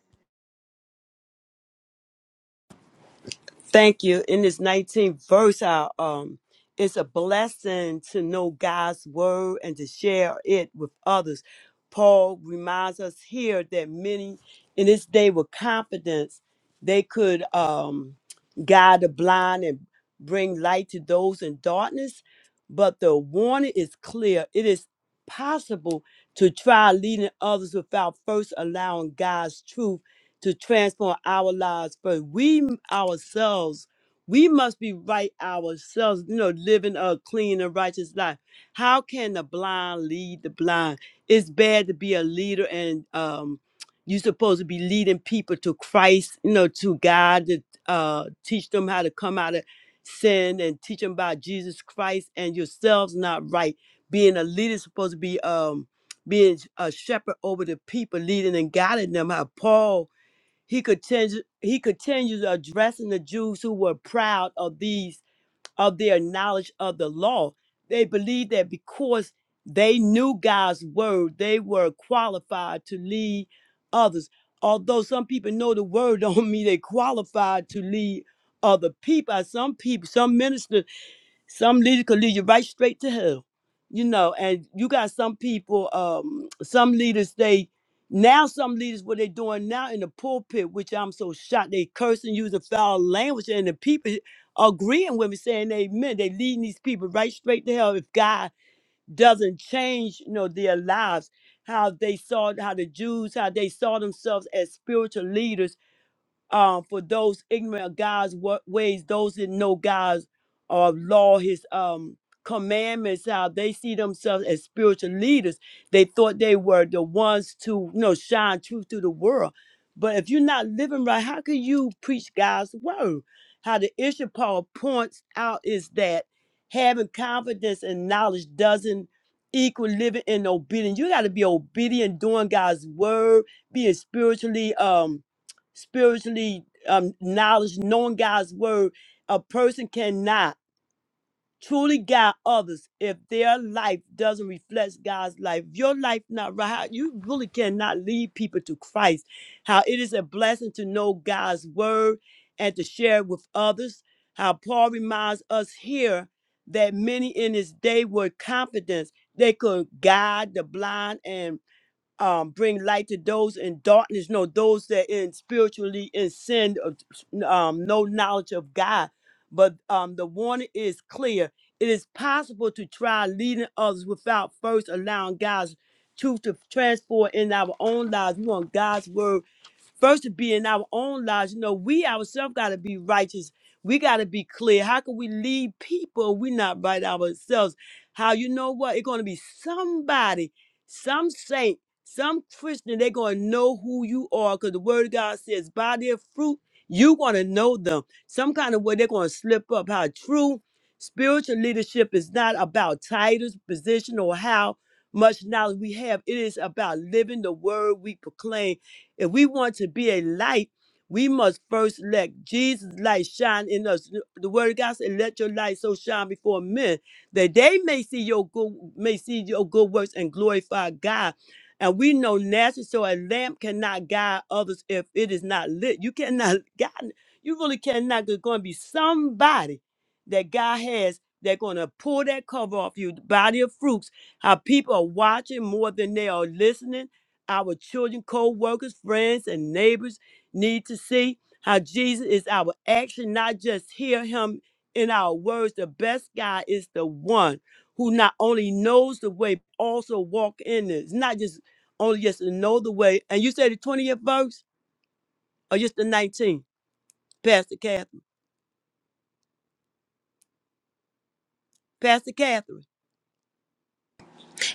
S4: Thank you. In this 19th verse, I, um, it's a blessing to know God's word and to share it with others. Paul reminds us here that many in this day with confidence, they could um, guide the blind and bring light to those in darkness. But the warning is clear. It is possible to try leading others without first allowing God's truth to transform our lives first. We m- ourselves, we must be right ourselves, you know, living a clean and righteous life. How can the blind lead the blind? It's bad to be a leader and um you're supposed to be leading people to Christ, you know, to God, to uh, teach them how to come out of sin and teach them about Jesus Christ and yourselves not right. Being a leader is supposed to be um, being a shepherd over the people, leading and guiding them. How Paul he continues he continues addressing the Jews who were proud of these of their knowledge of the law. They believed that because they knew God's word, they were qualified to lead others. Although some people know the word don't mean they qualified to lead other people. Some people, some ministers some leaders could lead you right straight to hell, you know. And you got some people, um, some leaders they now some leaders what they're doing now in the pulpit, which I'm so shocked. They cursing, using foul language, and the people agreeing with me, saying amen. They leading these people right straight to hell if God doesn't change, you know, their lives. How they saw how the Jews, how they saw themselves as spiritual leaders um, for those ignorant of God's wa- ways, those that know God's uh, law, His um, commandments, how they see themselves as spiritual leaders. They thought they were the ones to, you know, shine truth to the world. But if you're not living right, how can you preach God's word? How the issue Paul points out is that having confidence and knowledge doesn't equal living in obedience. You got to be obedient, doing God's word, being spiritually um spiritually um, knowledge, knowing God's word, a person cannot truly guide others if their life doesn't reflect God's life. If Your life not right. how- You really cannot lead people to Christ. How it is a blessing to know God's word and to share it with others. How Paul reminds us here that many in his day were confident they could guide the blind and um, bring light to those in darkness. No, those that in spiritually in sin, of, um, no knowledge of God. But um, the warning is clear. It is possible to try leading others without first allowing God's truth to transform in our own lives. We want God's word first to be in our own lives. You know, we ourselves got to be righteous. We got to be clear. How can we lead people? if we not right ourselves. How you know what? It's going to be somebody, some saint some Christian, they're going to know who you are because the word of God says, by their fruit, you're going to know them. Some kind of way they're going to slip up. How true spiritual leadership is not about titles, position, or how much knowledge we have. It is about living the word we proclaim. If we want to be a light, we must first let Jesus' light shine in us. The word of God said, Let your light so shine before men that they may see your good may see your good works and glorify God. And we know naturally, so a lamp cannot guide others if it is not lit. You cannot guide, you really cannot. There's going to be somebody that God has that's going to pull that cover off you. The body of fruits, how people are watching more than they are listening. Our children, co workers, friends, and neighbors need to see how Jesus is our action, not just hear him in our words. The best guy is the one who not only knows the way, but also walk in it. It's not just only just to know the way. And you said the 20th verse or just the 19th? Pastor Catherine. Pastor Catherine.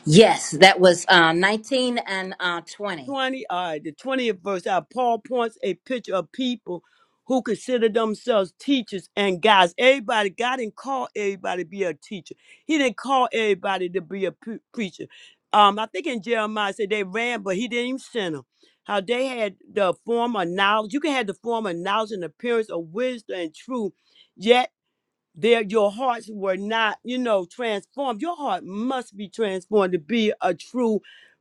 S1: yes that was uh, 19 and uh, 20
S4: 20, all right, the 20th verse. How Paul points a picture of people who consider themselves teachers and guys. Everybody, God didn't call everybody to be a teacher. He didn't call everybody to be a pre- preacher. Um, I think in Jeremiah it said they ran, but he didn't even send them. How they had the form of knowledge. You can have the form of knowledge and appearance of wisdom and truth, yet there your hearts were not you know transformed your heart must be transformed to be a true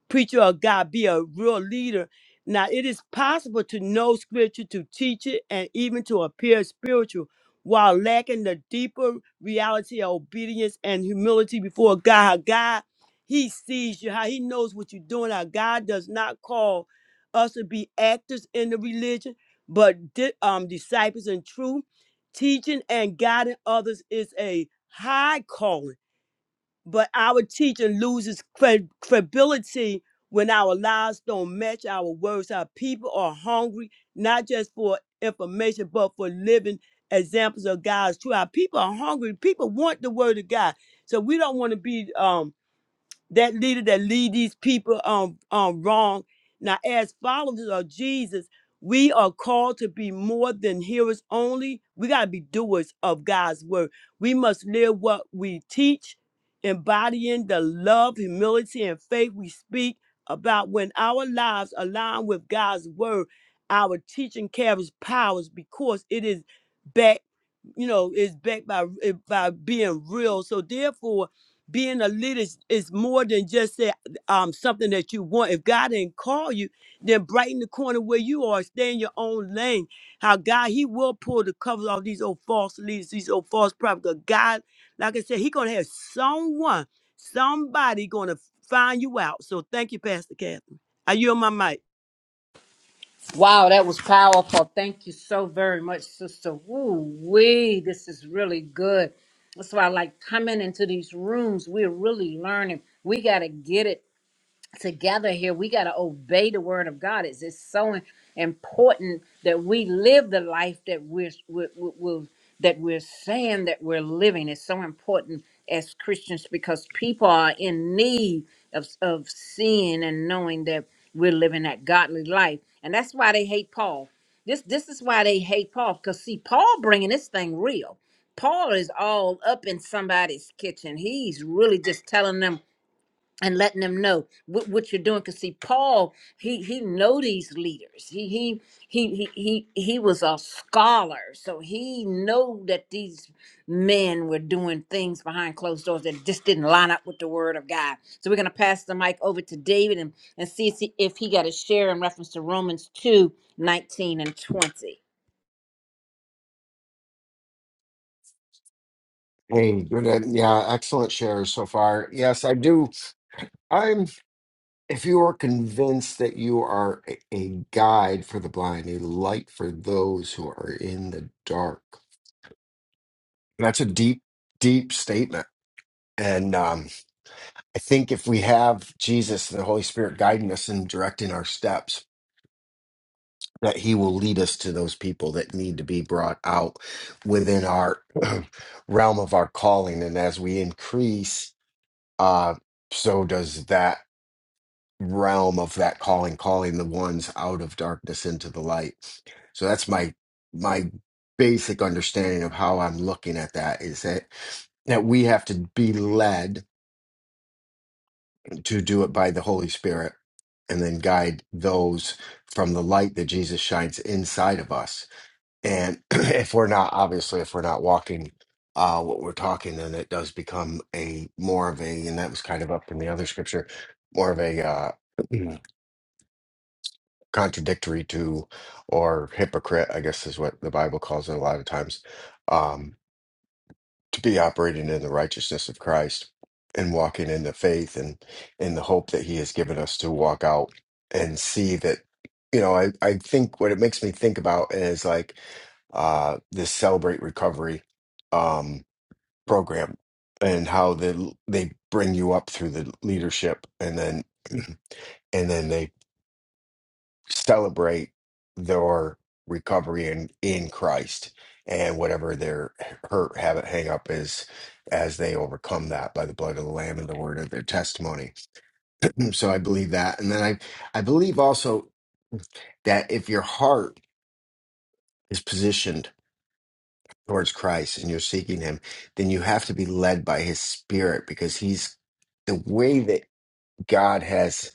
S4: preacher of god be a real leader now it is possible to know scripture to teach it and even to appear spiritual while lacking the deeper reality of obedience and humility before god How god he sees you how he knows what you're doing how god does not call us to be actors in the religion but di- um disciples in truth Teaching and guiding others is a high calling, but our teaching loses cred- credibility when our lives don't match our words. Our people are hungry, not just for information, but for living examples of God's truth. Our people are hungry. People want the word of God. So we don't want to be um that leader that lead these people um, um wrong. Now, as followers of Jesus, we are called to be more than hearers only. We gotta be doers of God's word. We must live what we teach, embodying the love, humility, and faith we speak about. When our lives align with God's word, our teaching carries powers because it is backed you know, is backed by eh, by being real. So therefore, being a leader is, is more than just say um something that you want. If God didn't call you, then brighten the corner where you are, stay in your own lane. How God He will pull the covers off these old false leaders, these old false prophets. 'Cause God, like I said, He gonna have someone, somebody gonna find you out. So thank you, Pastor Catherine. Are you on my mic?
S1: Wow, that was powerful. Thank you so very much, sister. Woo wee, this is really good. That's why I like coming into these rooms. We're really learning. We got to get it together here we got to obey the word of god it's, it's so im- important that we live the life that we're, we're, we're we're- that we're saying that we're living It's so important as christians because people are in need of, of seeing and knowing that we're living that godly life and that's why they hate paul this this is why they hate paul because see paul bringing this thing real paul is all up in somebody's kitchen he's really just telling them and letting them know what, what you're doing. Cause see, Paul, he he know these leaders. He he he he he he was a scholar, so he know that these men were doing things behind closed doors that just didn't line up with the word of God. So we're gonna pass the mic over to David and, and see if he, if he got a share in reference to Romans two nineteen and 20.
S5: Hey, good. uh, Yeah, excellent shares so far. Yes, I do. I'm, if you are convinced that you are a a guide for the blind, a light for those who are in the dark, that's a deep, deep statement. And um, I think if we have Jesus, the Holy Spirit guiding us and directing our steps, that he will lead us to those people that need to be brought out within our realm of our calling. And as we increase, uh, so does that realm of that calling, calling the ones out of darkness into the light. So that's my my basic understanding of how I'm looking at that is that that we have to be led to do it by the Holy Spirit and then guide those from the light that Jesus shines inside of us. And if we're not, obviously, if we're not walking uh, what we're talking, then it does become a more of a, and that was kind of up in the other scripture, more of a uh, contradictory to or hypocrite, I guess is what the Bible calls it a lot of times. Um, be operating in the righteousness of Christ and walking in the faith and in the hope that he has given us to walk out and see that you know I, I think what it makes me think about is like uh this celebrate recovery um program and how they they bring you up through the leadership and then and then they celebrate their recovery in in Christ and whatever their hurt, habit, hang up is as they overcome that by the blood of the Lamb and the word of their testimony. So I believe that. And then I I believe also that if your heart is positioned towards Christ and you're seeking him, then you have to be led by his spirit because he's the way that God has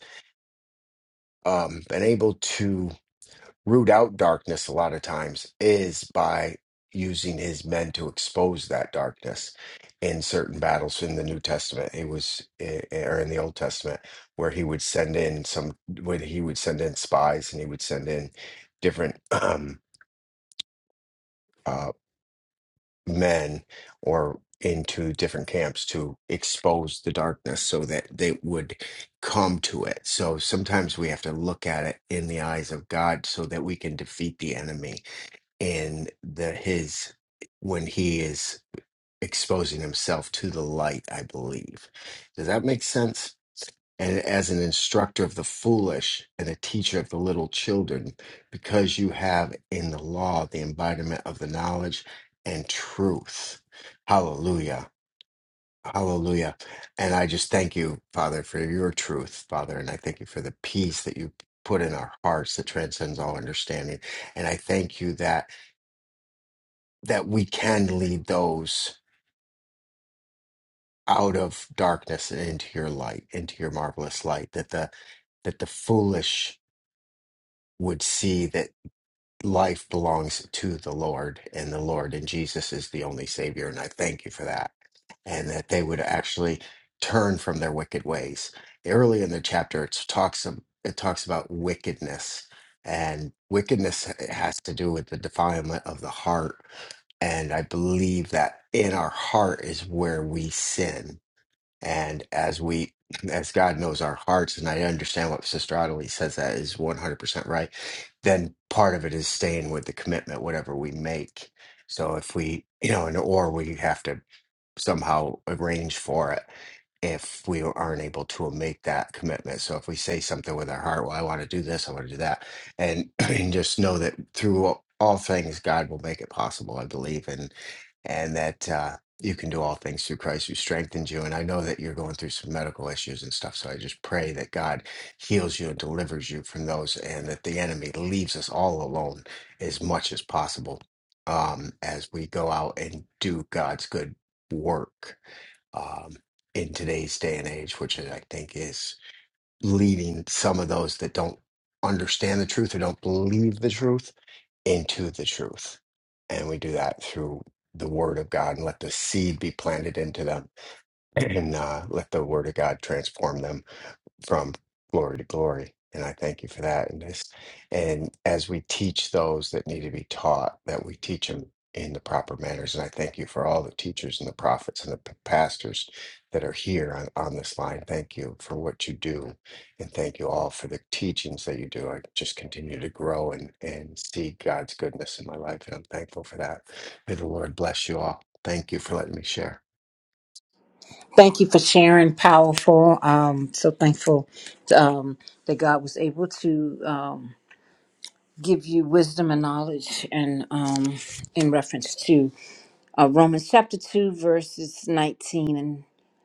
S5: um, been able to root out darkness a lot of times is by using his men to expose that darkness in certain battles in the New Testament. It was eh, eh, or in the Old Testament where he would send in some when he would send in spies and he would send in different um uh men or into different camps to expose the darkness so that they would come to it. So sometimes we have to look at it in the eyes of God so that we can defeat the enemy and the his when he is exposing himself to the light i believe does that make sense and as an instructor of the foolish and a teacher of the little children because you have in the law the embodiment of the knowledge and truth hallelujah hallelujah and i just thank you father for your truth father and i thank you for the peace that you put in our hearts that transcends all understanding and i thank you that that we can lead those out of darkness and into your light, into your marvelous light, that the that the foolish would see that life belongs to the Lord and the Lord and Jesus is the only Savior. And I thank you for that. And that they would actually turn from their wicked ways. Early in the chapter, it talks, it talks about wickedness, and wickedness has to do with the defilement of the heart. And I believe that in our heart is where we sin. And as we, as God knows our hearts, and I understand what Sister Adelie says that is 100% right, then part of it is staying with the commitment, whatever we make. So if we, you know, and or we have to somehow arrange for it if we aren't able to make that commitment. So if we say something with our heart, well, I want to do this, I want to do that, and and just know that through all all things, God will make it possible. I believe, and and that uh, you can do all things through Christ who strengthens you. And I know that you're going through some medical issues and stuff. So I just pray that God heals you and delivers you from those, and that the enemy leaves us all alone as much as possible um, as we go out and do God's good work. Um, in today's day and age, which I think is leading some of those that don't understand the truth or don't believe the truth into the truth. And we do that through the word of God and let the seed be planted into them and uh, let the word of God transform them from glory to glory. And I thank you for that. And this, and as we teach those that need to be taught, that we teach them in the proper manners. And I thank you for all the teachers and the prophets and the p- pastors that are here on, on this line. Thank you for what you do. And thank you all for the teachings that you do. I just continue to grow and, and see God's goodness in my life. And I'm thankful for that. May the Lord bless you all. Thank you for letting me share.
S1: Thank you for sharing. Powerful. Um, so thankful um, that God was able to. Um, give you wisdom and knowledge and um, in reference to uh, Romans chapter 2, verses 19 and,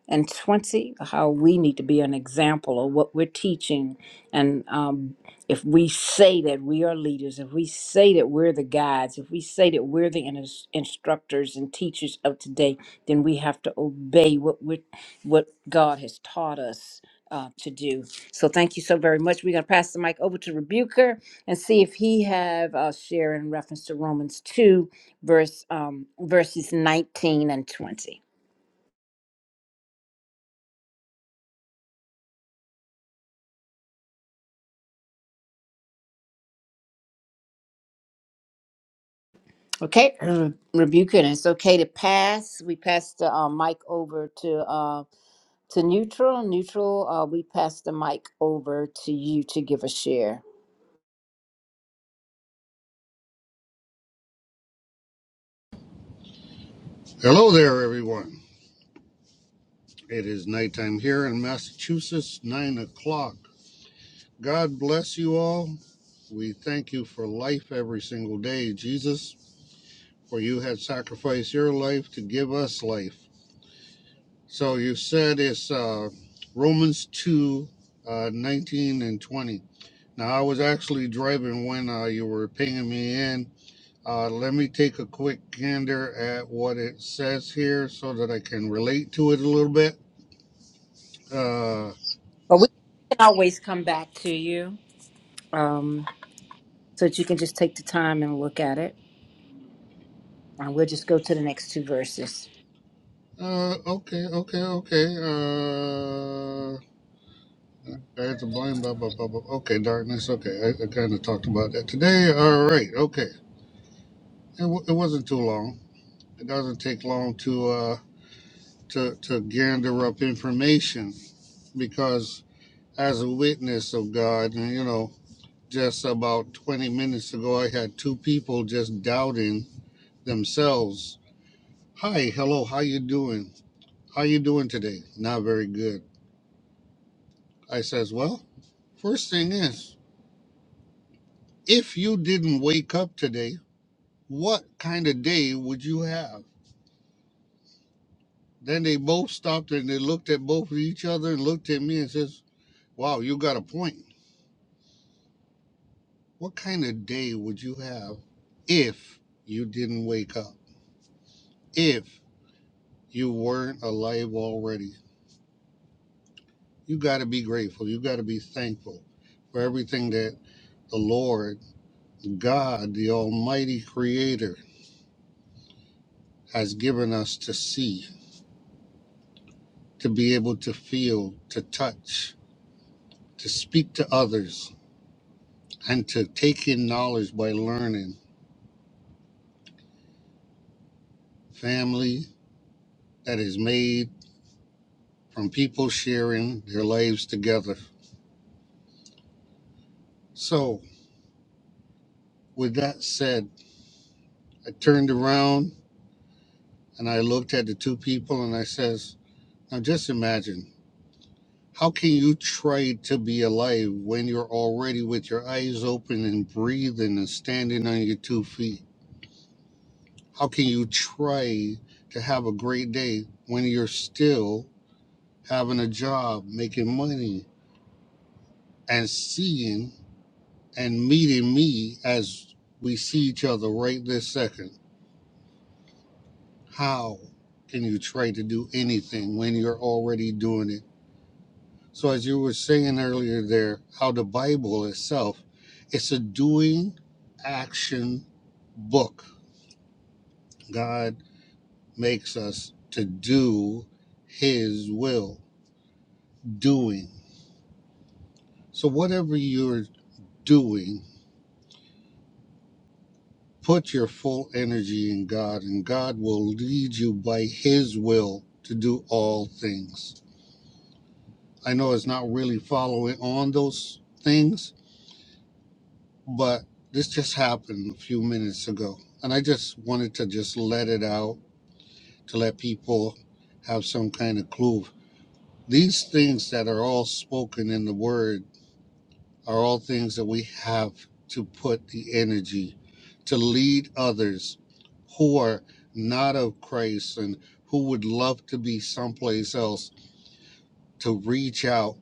S1: and 20, how we need to be an example of what we're teaching and um, if we say that we are leaders, if we say that we're the guides, if we say that we're the ins- instructors and teachers of today, then we have to obey what we what God has taught us uh, to do. So thank you so very much. We're gonna pass the mic over to Rebuker and see if he have a share in reference to Romans two, verse um, verses nineteen and twenty. Okay, rebuke it. It's okay to pass. We pass the uh, mic over to uh, to neutral. Neutral, uh, we pass the mic over to you to give a share.
S7: Hello there, everyone. It is nighttime here in Massachusetts, 9 o'clock. God bless you all. We thank you for life every single day, Jesus, for you had sacrificed your life to give us life. So you said it's uh, Romans 2 uh, 19 and 20. Now, I was actually driving when uh, you were pinging me in. Uh, let me take a quick gander at what it says here so that I can relate to it a little bit Uh,
S1: But we can always come back to you um, so that you can just take the time and look at it. And we'll just go to the next two verses.
S7: Uh, okay, okay, okay. Uh, I had to blame blah blah blah blah. Okay, darkness. Okay, I, I kind of talked about that today. All right. Okay, it, w- it wasn't too long. It doesn't take long to uh to to gander up information because as a witness of God, and you know, just about twenty minutes ago, I had two people just doubting themselves. Hi, hello, how you doing? How you doing today? Not very good I says, Well, first thing is, if you didn't wake up today, what kind of day would you have? Then they both stopped and they looked at both of each other and looked at me and says, Wow, you got a point. What kind of day would you have if you didn't wake up? If you weren't alive already? You got to be grateful. You got to be thankful for everything that the Lord, God, the Almighty Creator, has given us to see to be able to feel, to touch, to speak to others, and to take in knowledge by learning. Family that is made from people sharing their lives together. So, with that said, I turned around and I looked at the two people and I says, "Now just imagine, how can you try to be alive when you're already with your eyes open and breathing and standing on your two feet?" How can you try to have a great day when you're still having a job, making money, and seeing and meeting me as we see each other right this second? How can you try to do anything when you're already doing it? So, as you were saying earlier, there, how the Bible itself, it's a doing action book. God makes us to do His will doing. So, whatever you're doing, put your full energy in God, and God will lead you by His will to do all things. I know it's not really following on those things, but this just happened a few minutes ago. And I just wanted to just let it out to let people have some kind of clue. These things that are all spoken in the Word are all things that we have to put the energy to lead others who are not of Christ and who would love to be someplace else to reach out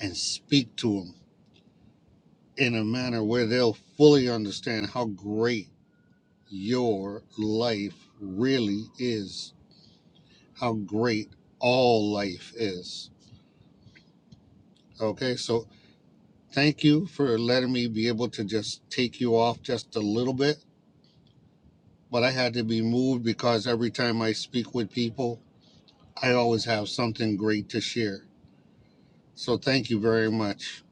S7: and speak to them in a manner where they'll fully understand how great your life really is, how great all life is. Okay, so thank you for letting me be able to just take you off just a little bit but I had to be moved because every time I speak with people, I always have something great to share. So thank you very much,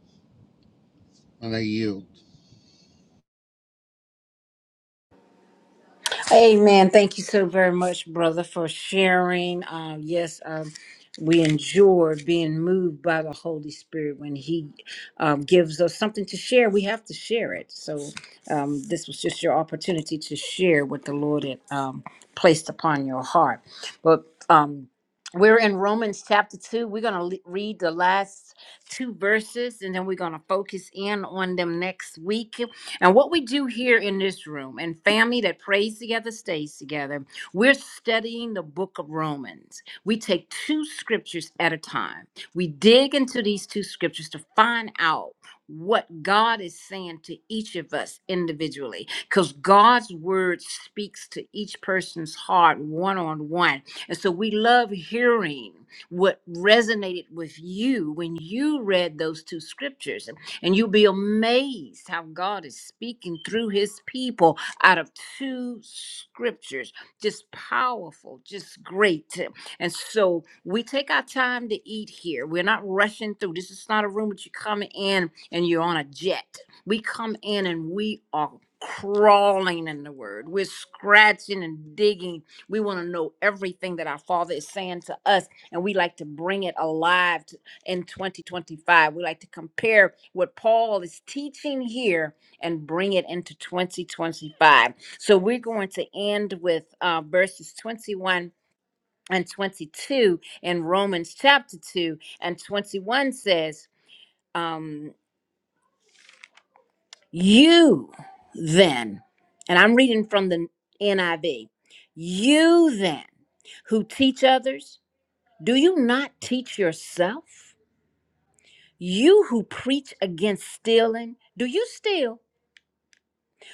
S7: and I yield.
S1: Amen. Thank you so very much, brother, for sharing. Um, yes, um, we enjoy being moved by the Holy Spirit when He um, gives us something to share. We have to share it. So um, this was just your opportunity to share what the Lord had um, placed upon your heart. But um, we're in Romans chapter 2. We're going to read the last two verses and then we're going to focus in on them next week. And what we do here in this room and family that prays together stays together, we're studying the book of Romans. We take two scriptures at a time. We dig into these two scriptures to find out what God is saying to each of us individually, because God's word speaks to each person's heart one on one. And so we love hearing what resonated with you when you read those two scriptures. And you'll be amazed how God is speaking through his people out of two scriptures. Just powerful, just great. And so we take our time to eat here. We're not rushing through. This is not a room that you come in and you're on a jet. We come in and we are crawling in the word. We're scratching and digging. We want to know everything that our Father is saying to us, and we like to bring it alive in 2025. We like to compare what Paul is teaching here and bring it into 2025. So we're going to end with uh, verses 21 and 22 in Romans chapter 2. And 21 says, um, You then, and I'm reading from the NIV, you then who teach others, do you not teach yourself? You who preach against stealing, do you steal?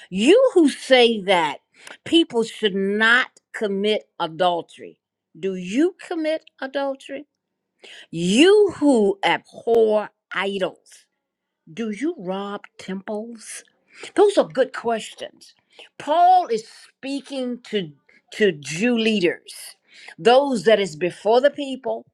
S1: You who say that people should not commit adultery, do you commit adultery? You who abhor idols, do you rob temples? Those are good questions. Paul is speaking to, to Jew leaders, those that is before the people,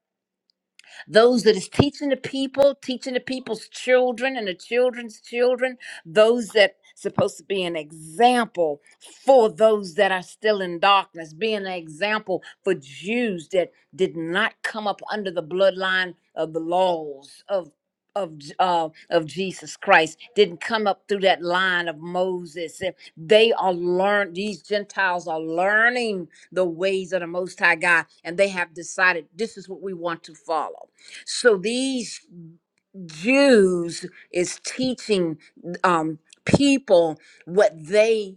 S1: those that is teaching the people, teaching the people's children and the children's children, those that supposed to be an example for those that are still in darkness, being an example for Jews that did not come up under the bloodline of the laws of of J- uh, of Jesus Christ didn't come up through that line of Moses. And They are learn these Gentiles are learning the ways of the Most High God, and they have decided this is what we want to follow. So these Jews is teaching um, people what they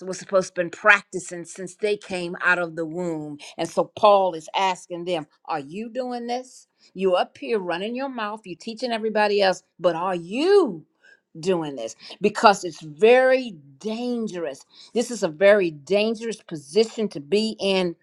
S1: was supposed to been practicing since they came out of the womb. And so Paul is asking them, are you doing this? You up here running your mouth, you teaching everybody else, but are you doing this? Because it's very dangerous. This is a very dangerous position to be in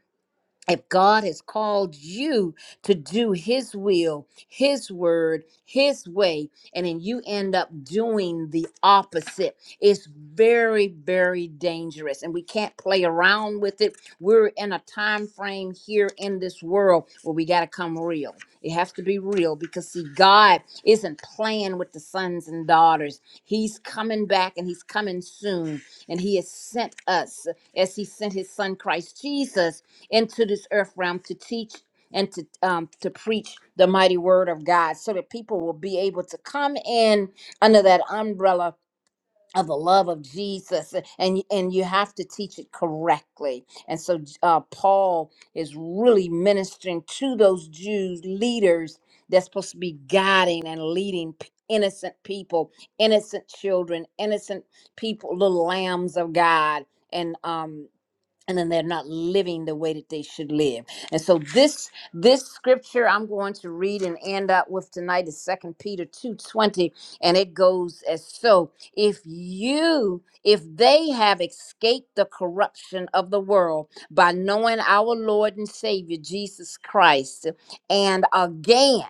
S1: if God has called you to do His will, His word, His way, and then you end up doing the opposite. It's very, very dangerous, and we can't play around with it. We're in a time frame here in this world where we got to come real. It has to be real because, see, God isn't playing with the sons and daughters. He's coming back and He's coming soon. And He has sent us, as He sent His Son Christ Jesus into this earth realm to teach and to um, to preach the mighty word of God, so that people will be able to come in under that umbrella of the love of Jesus, and and you have to teach it correctly. And so uh, Paul is really ministering to those Jews leaders that's supposed to be guiding and leading. p- Innocent people, innocent children, innocent people, little lambs of God, and um, and then they're not living the way that they should live. And so this this scripture I'm going to read and end up with tonight is Second Peter 2:20 and it goes as so if you if they have escaped the corruption of the world by knowing our Lord and Savior Jesus Christ and again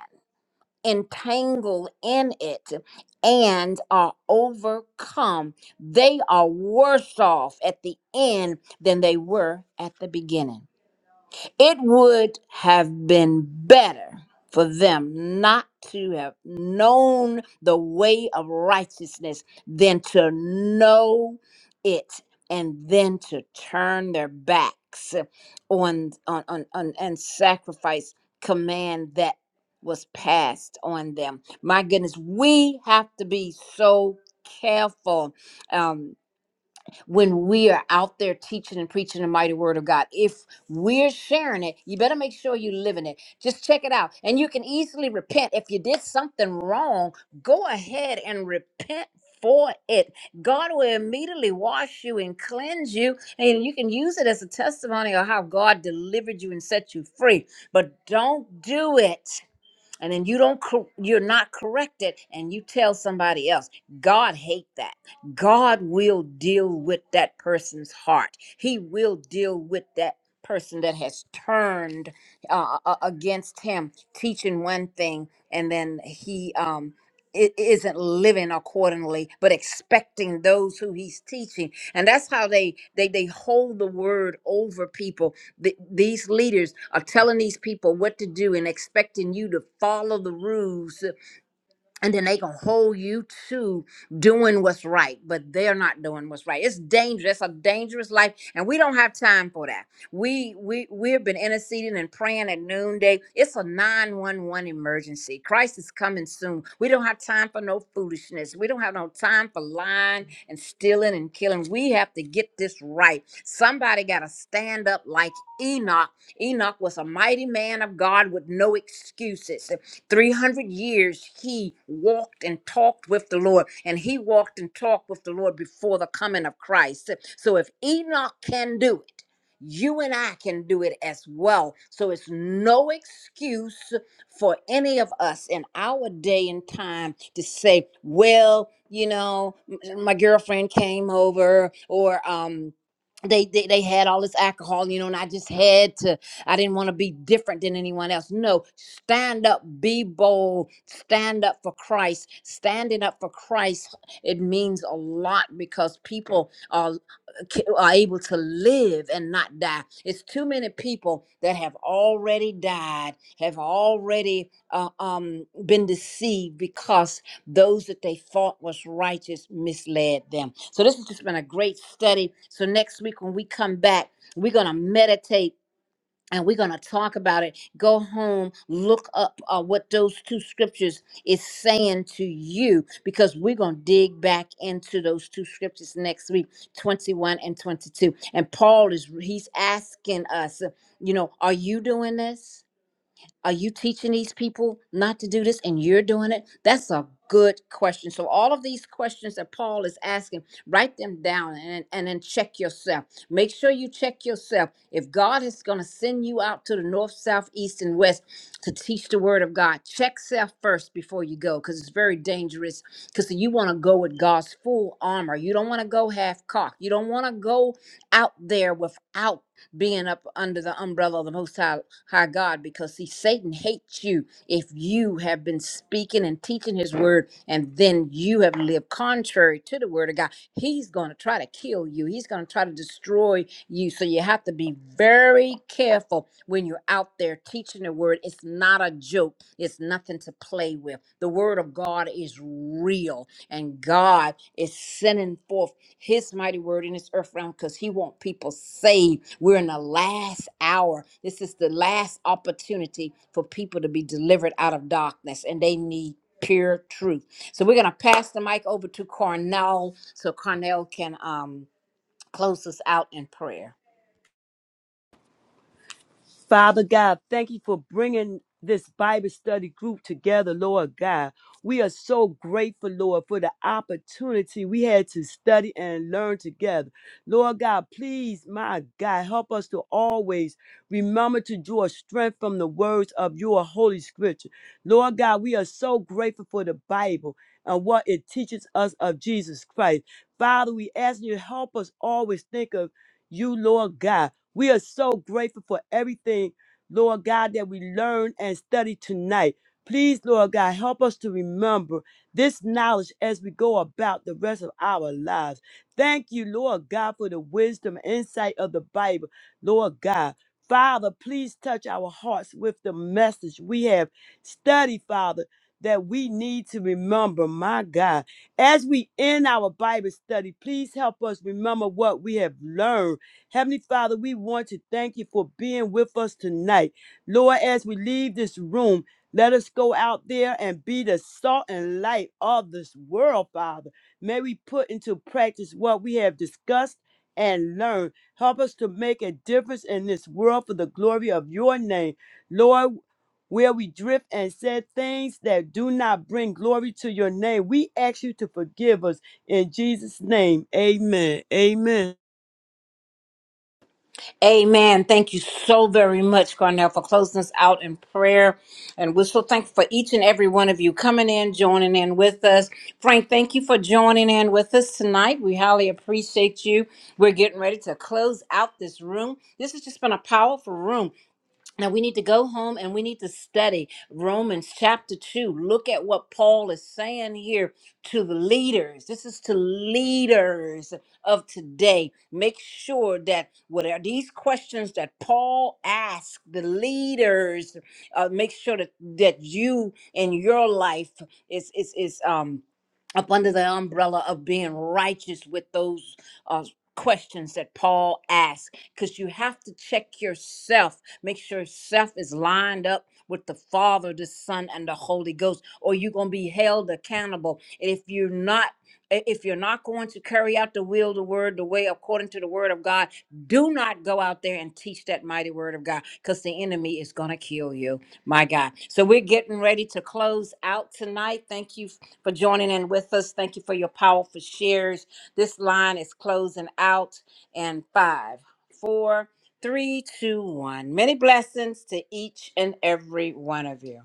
S1: entangled in it and are overcome. They are worse off at the end than they were at the beginning. It would have been better for them not to have known the way of righteousness than to know it and then to turn their backs on on on, on and sacrifice command that was passed on them. My goodness, we have to be so careful um, when we are out there teaching and preaching the mighty word of God. If we're sharing it, you better make sure you live in it. Just check it out. And you can easily repent. If you did something wrong, go ahead and repent for it. God will immediately wash you and cleanse you. And you can use it as a testimony of how God delivered you and set you free. But don't do it and then you don't cor- you're not corrected and you tell somebody else god hate that god will deal with that person's heart he will deal with that person that has turned uh, a- against him teaching one thing and then he um i- isn't living accordingly but expecting those who he's teaching and that's how they they they hold the word over people Th- these leaders are telling these people what to do and expecting you to follow the rules and then they can hold you to doing what's right, but they're not doing what's right. It's dangerous. It's a dangerous life, and we don't have time for that. We we we've been interceding and praying at noonday. It's a nine one one emergency. Christ is coming soon. We don't have time for no foolishness. We don't have no time for lying and stealing and killing. We have to get this right. Somebody gotta stand up like Enoch. Enoch was a mighty man of God with no excuses. 300 years he walked and talked with the Lord, and he walked and talked with the Lord before the coming of Christ. So if Enoch can do it, you and I can do it as well. So it's no excuse for any of us in our day and time to say, well, you know, m- my girlfriend came over or um they, they they had all this alcohol, you know, and I just had to I didn't want to be different than anyone else. No, stand up, be bold, stand up for Christ. Standing up for Christ, it means a lot because people are, uh, ca- are able to live and not die. It's too many people that have already died, have already uh, um, been deceived because those that they thought was righteous misled them. So this has just been a great study. So next week when we come back, we're going to meditate and we're going to talk about it go home look up uh, what those two scriptures is saying to you because we're going to dig back into those two scriptures next week 21 and 22 and paul is he's asking us you know are you doing this are you teaching these people not to do this and you're doing it? That's a good question. So, all of these questions that Paul is asking, write them down and, and then check yourself. Make sure you check yourself. If God is going to send you out to the north, south, east, and west to teach the word of God, check self first before you go because it's very dangerous. Because you want to go with God's full armor. You don't want to go half cocked. You don't want to go out there without being up under the umbrella of the Most High, High God, because see, Satan hates you if you have been speaking and teaching his word, and then you have lived contrary to the word of God. He's going to try to kill you. He's going to try to destroy you. So you have to be very careful when you're out there teaching the word. It's not a joke. It's nothing to play with. The word of God is real, and God is sending forth his mighty word in this earth realm because he want people saved we're in the last hour this is the last opportunity for people to be delivered out of darkness and they need pure truth so we're going to pass the mic over to cornell so cornell can um, close us out in prayer
S4: Father God, thank you for bringing this Bible study group together, Lord God. We are so grateful, Lord, for the opportunity we had to study and learn together. Lord God, please, my God, help us to always remember to draw strength from the words of your Holy Scripture. Lord God, we are so grateful for the Bible and what it teaches us of Jesus Christ. Father, we ask you to help us always think of you, Lord God. We are so grateful for everything, Lord God, that we learned and studied tonight. Please, Lord God, help us to remember this knowledge as we go about the rest of our lives. Thank you, Lord God, for the wisdom and insight of the Bible, Lord God. Father, please touch our hearts with the message we have studied, Father, that we need to remember, my God. As we end our Bible study, please help us remember what we have learned Heavenly Father, we want to thank you for being with us tonight. Lord, as we leave this room, let us go out there and be the salt and light of this world, Father. May we put into practice what we have discussed and learned. Help us to make a difference in this world for the glory of your name. Lord, where we drift and said things that do not bring glory to your name, we ask you to forgive us. In Jesus' name, amen. Amen.
S1: Amen. Thank you so very much, Garnell, for closing us out in prayer. And we're so thankful for each and every one of you coming in, joining in with us. Frank, thank you for joining in with us tonight. We highly appreciate you. We're getting ready to close out this room. This has just been a powerful room. Now we need to go home and we need to study Romans chapter 2. Look at what Paul is saying here to the leaders. This is to leaders of today. Make sure that what are these questions that Paul asked the leaders, uh, make sure that, that you in your life is is is um up under the umbrella of being righteous with those uh questions that Paul asked because you have to check yourself Make sure self is lined up with the Father, the Son, and the Holy Ghost, or you're gonna be held accountable. And if you're not i- if you're not going to carry out the will, the word, the way according to the word of God, do not go out there and teach that mighty word of God because the enemy is going to kill you. My God. So we're getting ready to close out tonight. Thank you for joining in with us. Thank you for your powerful shares. This line is closing out and five, four. Three, two, one. Many blessings to each and every one of you.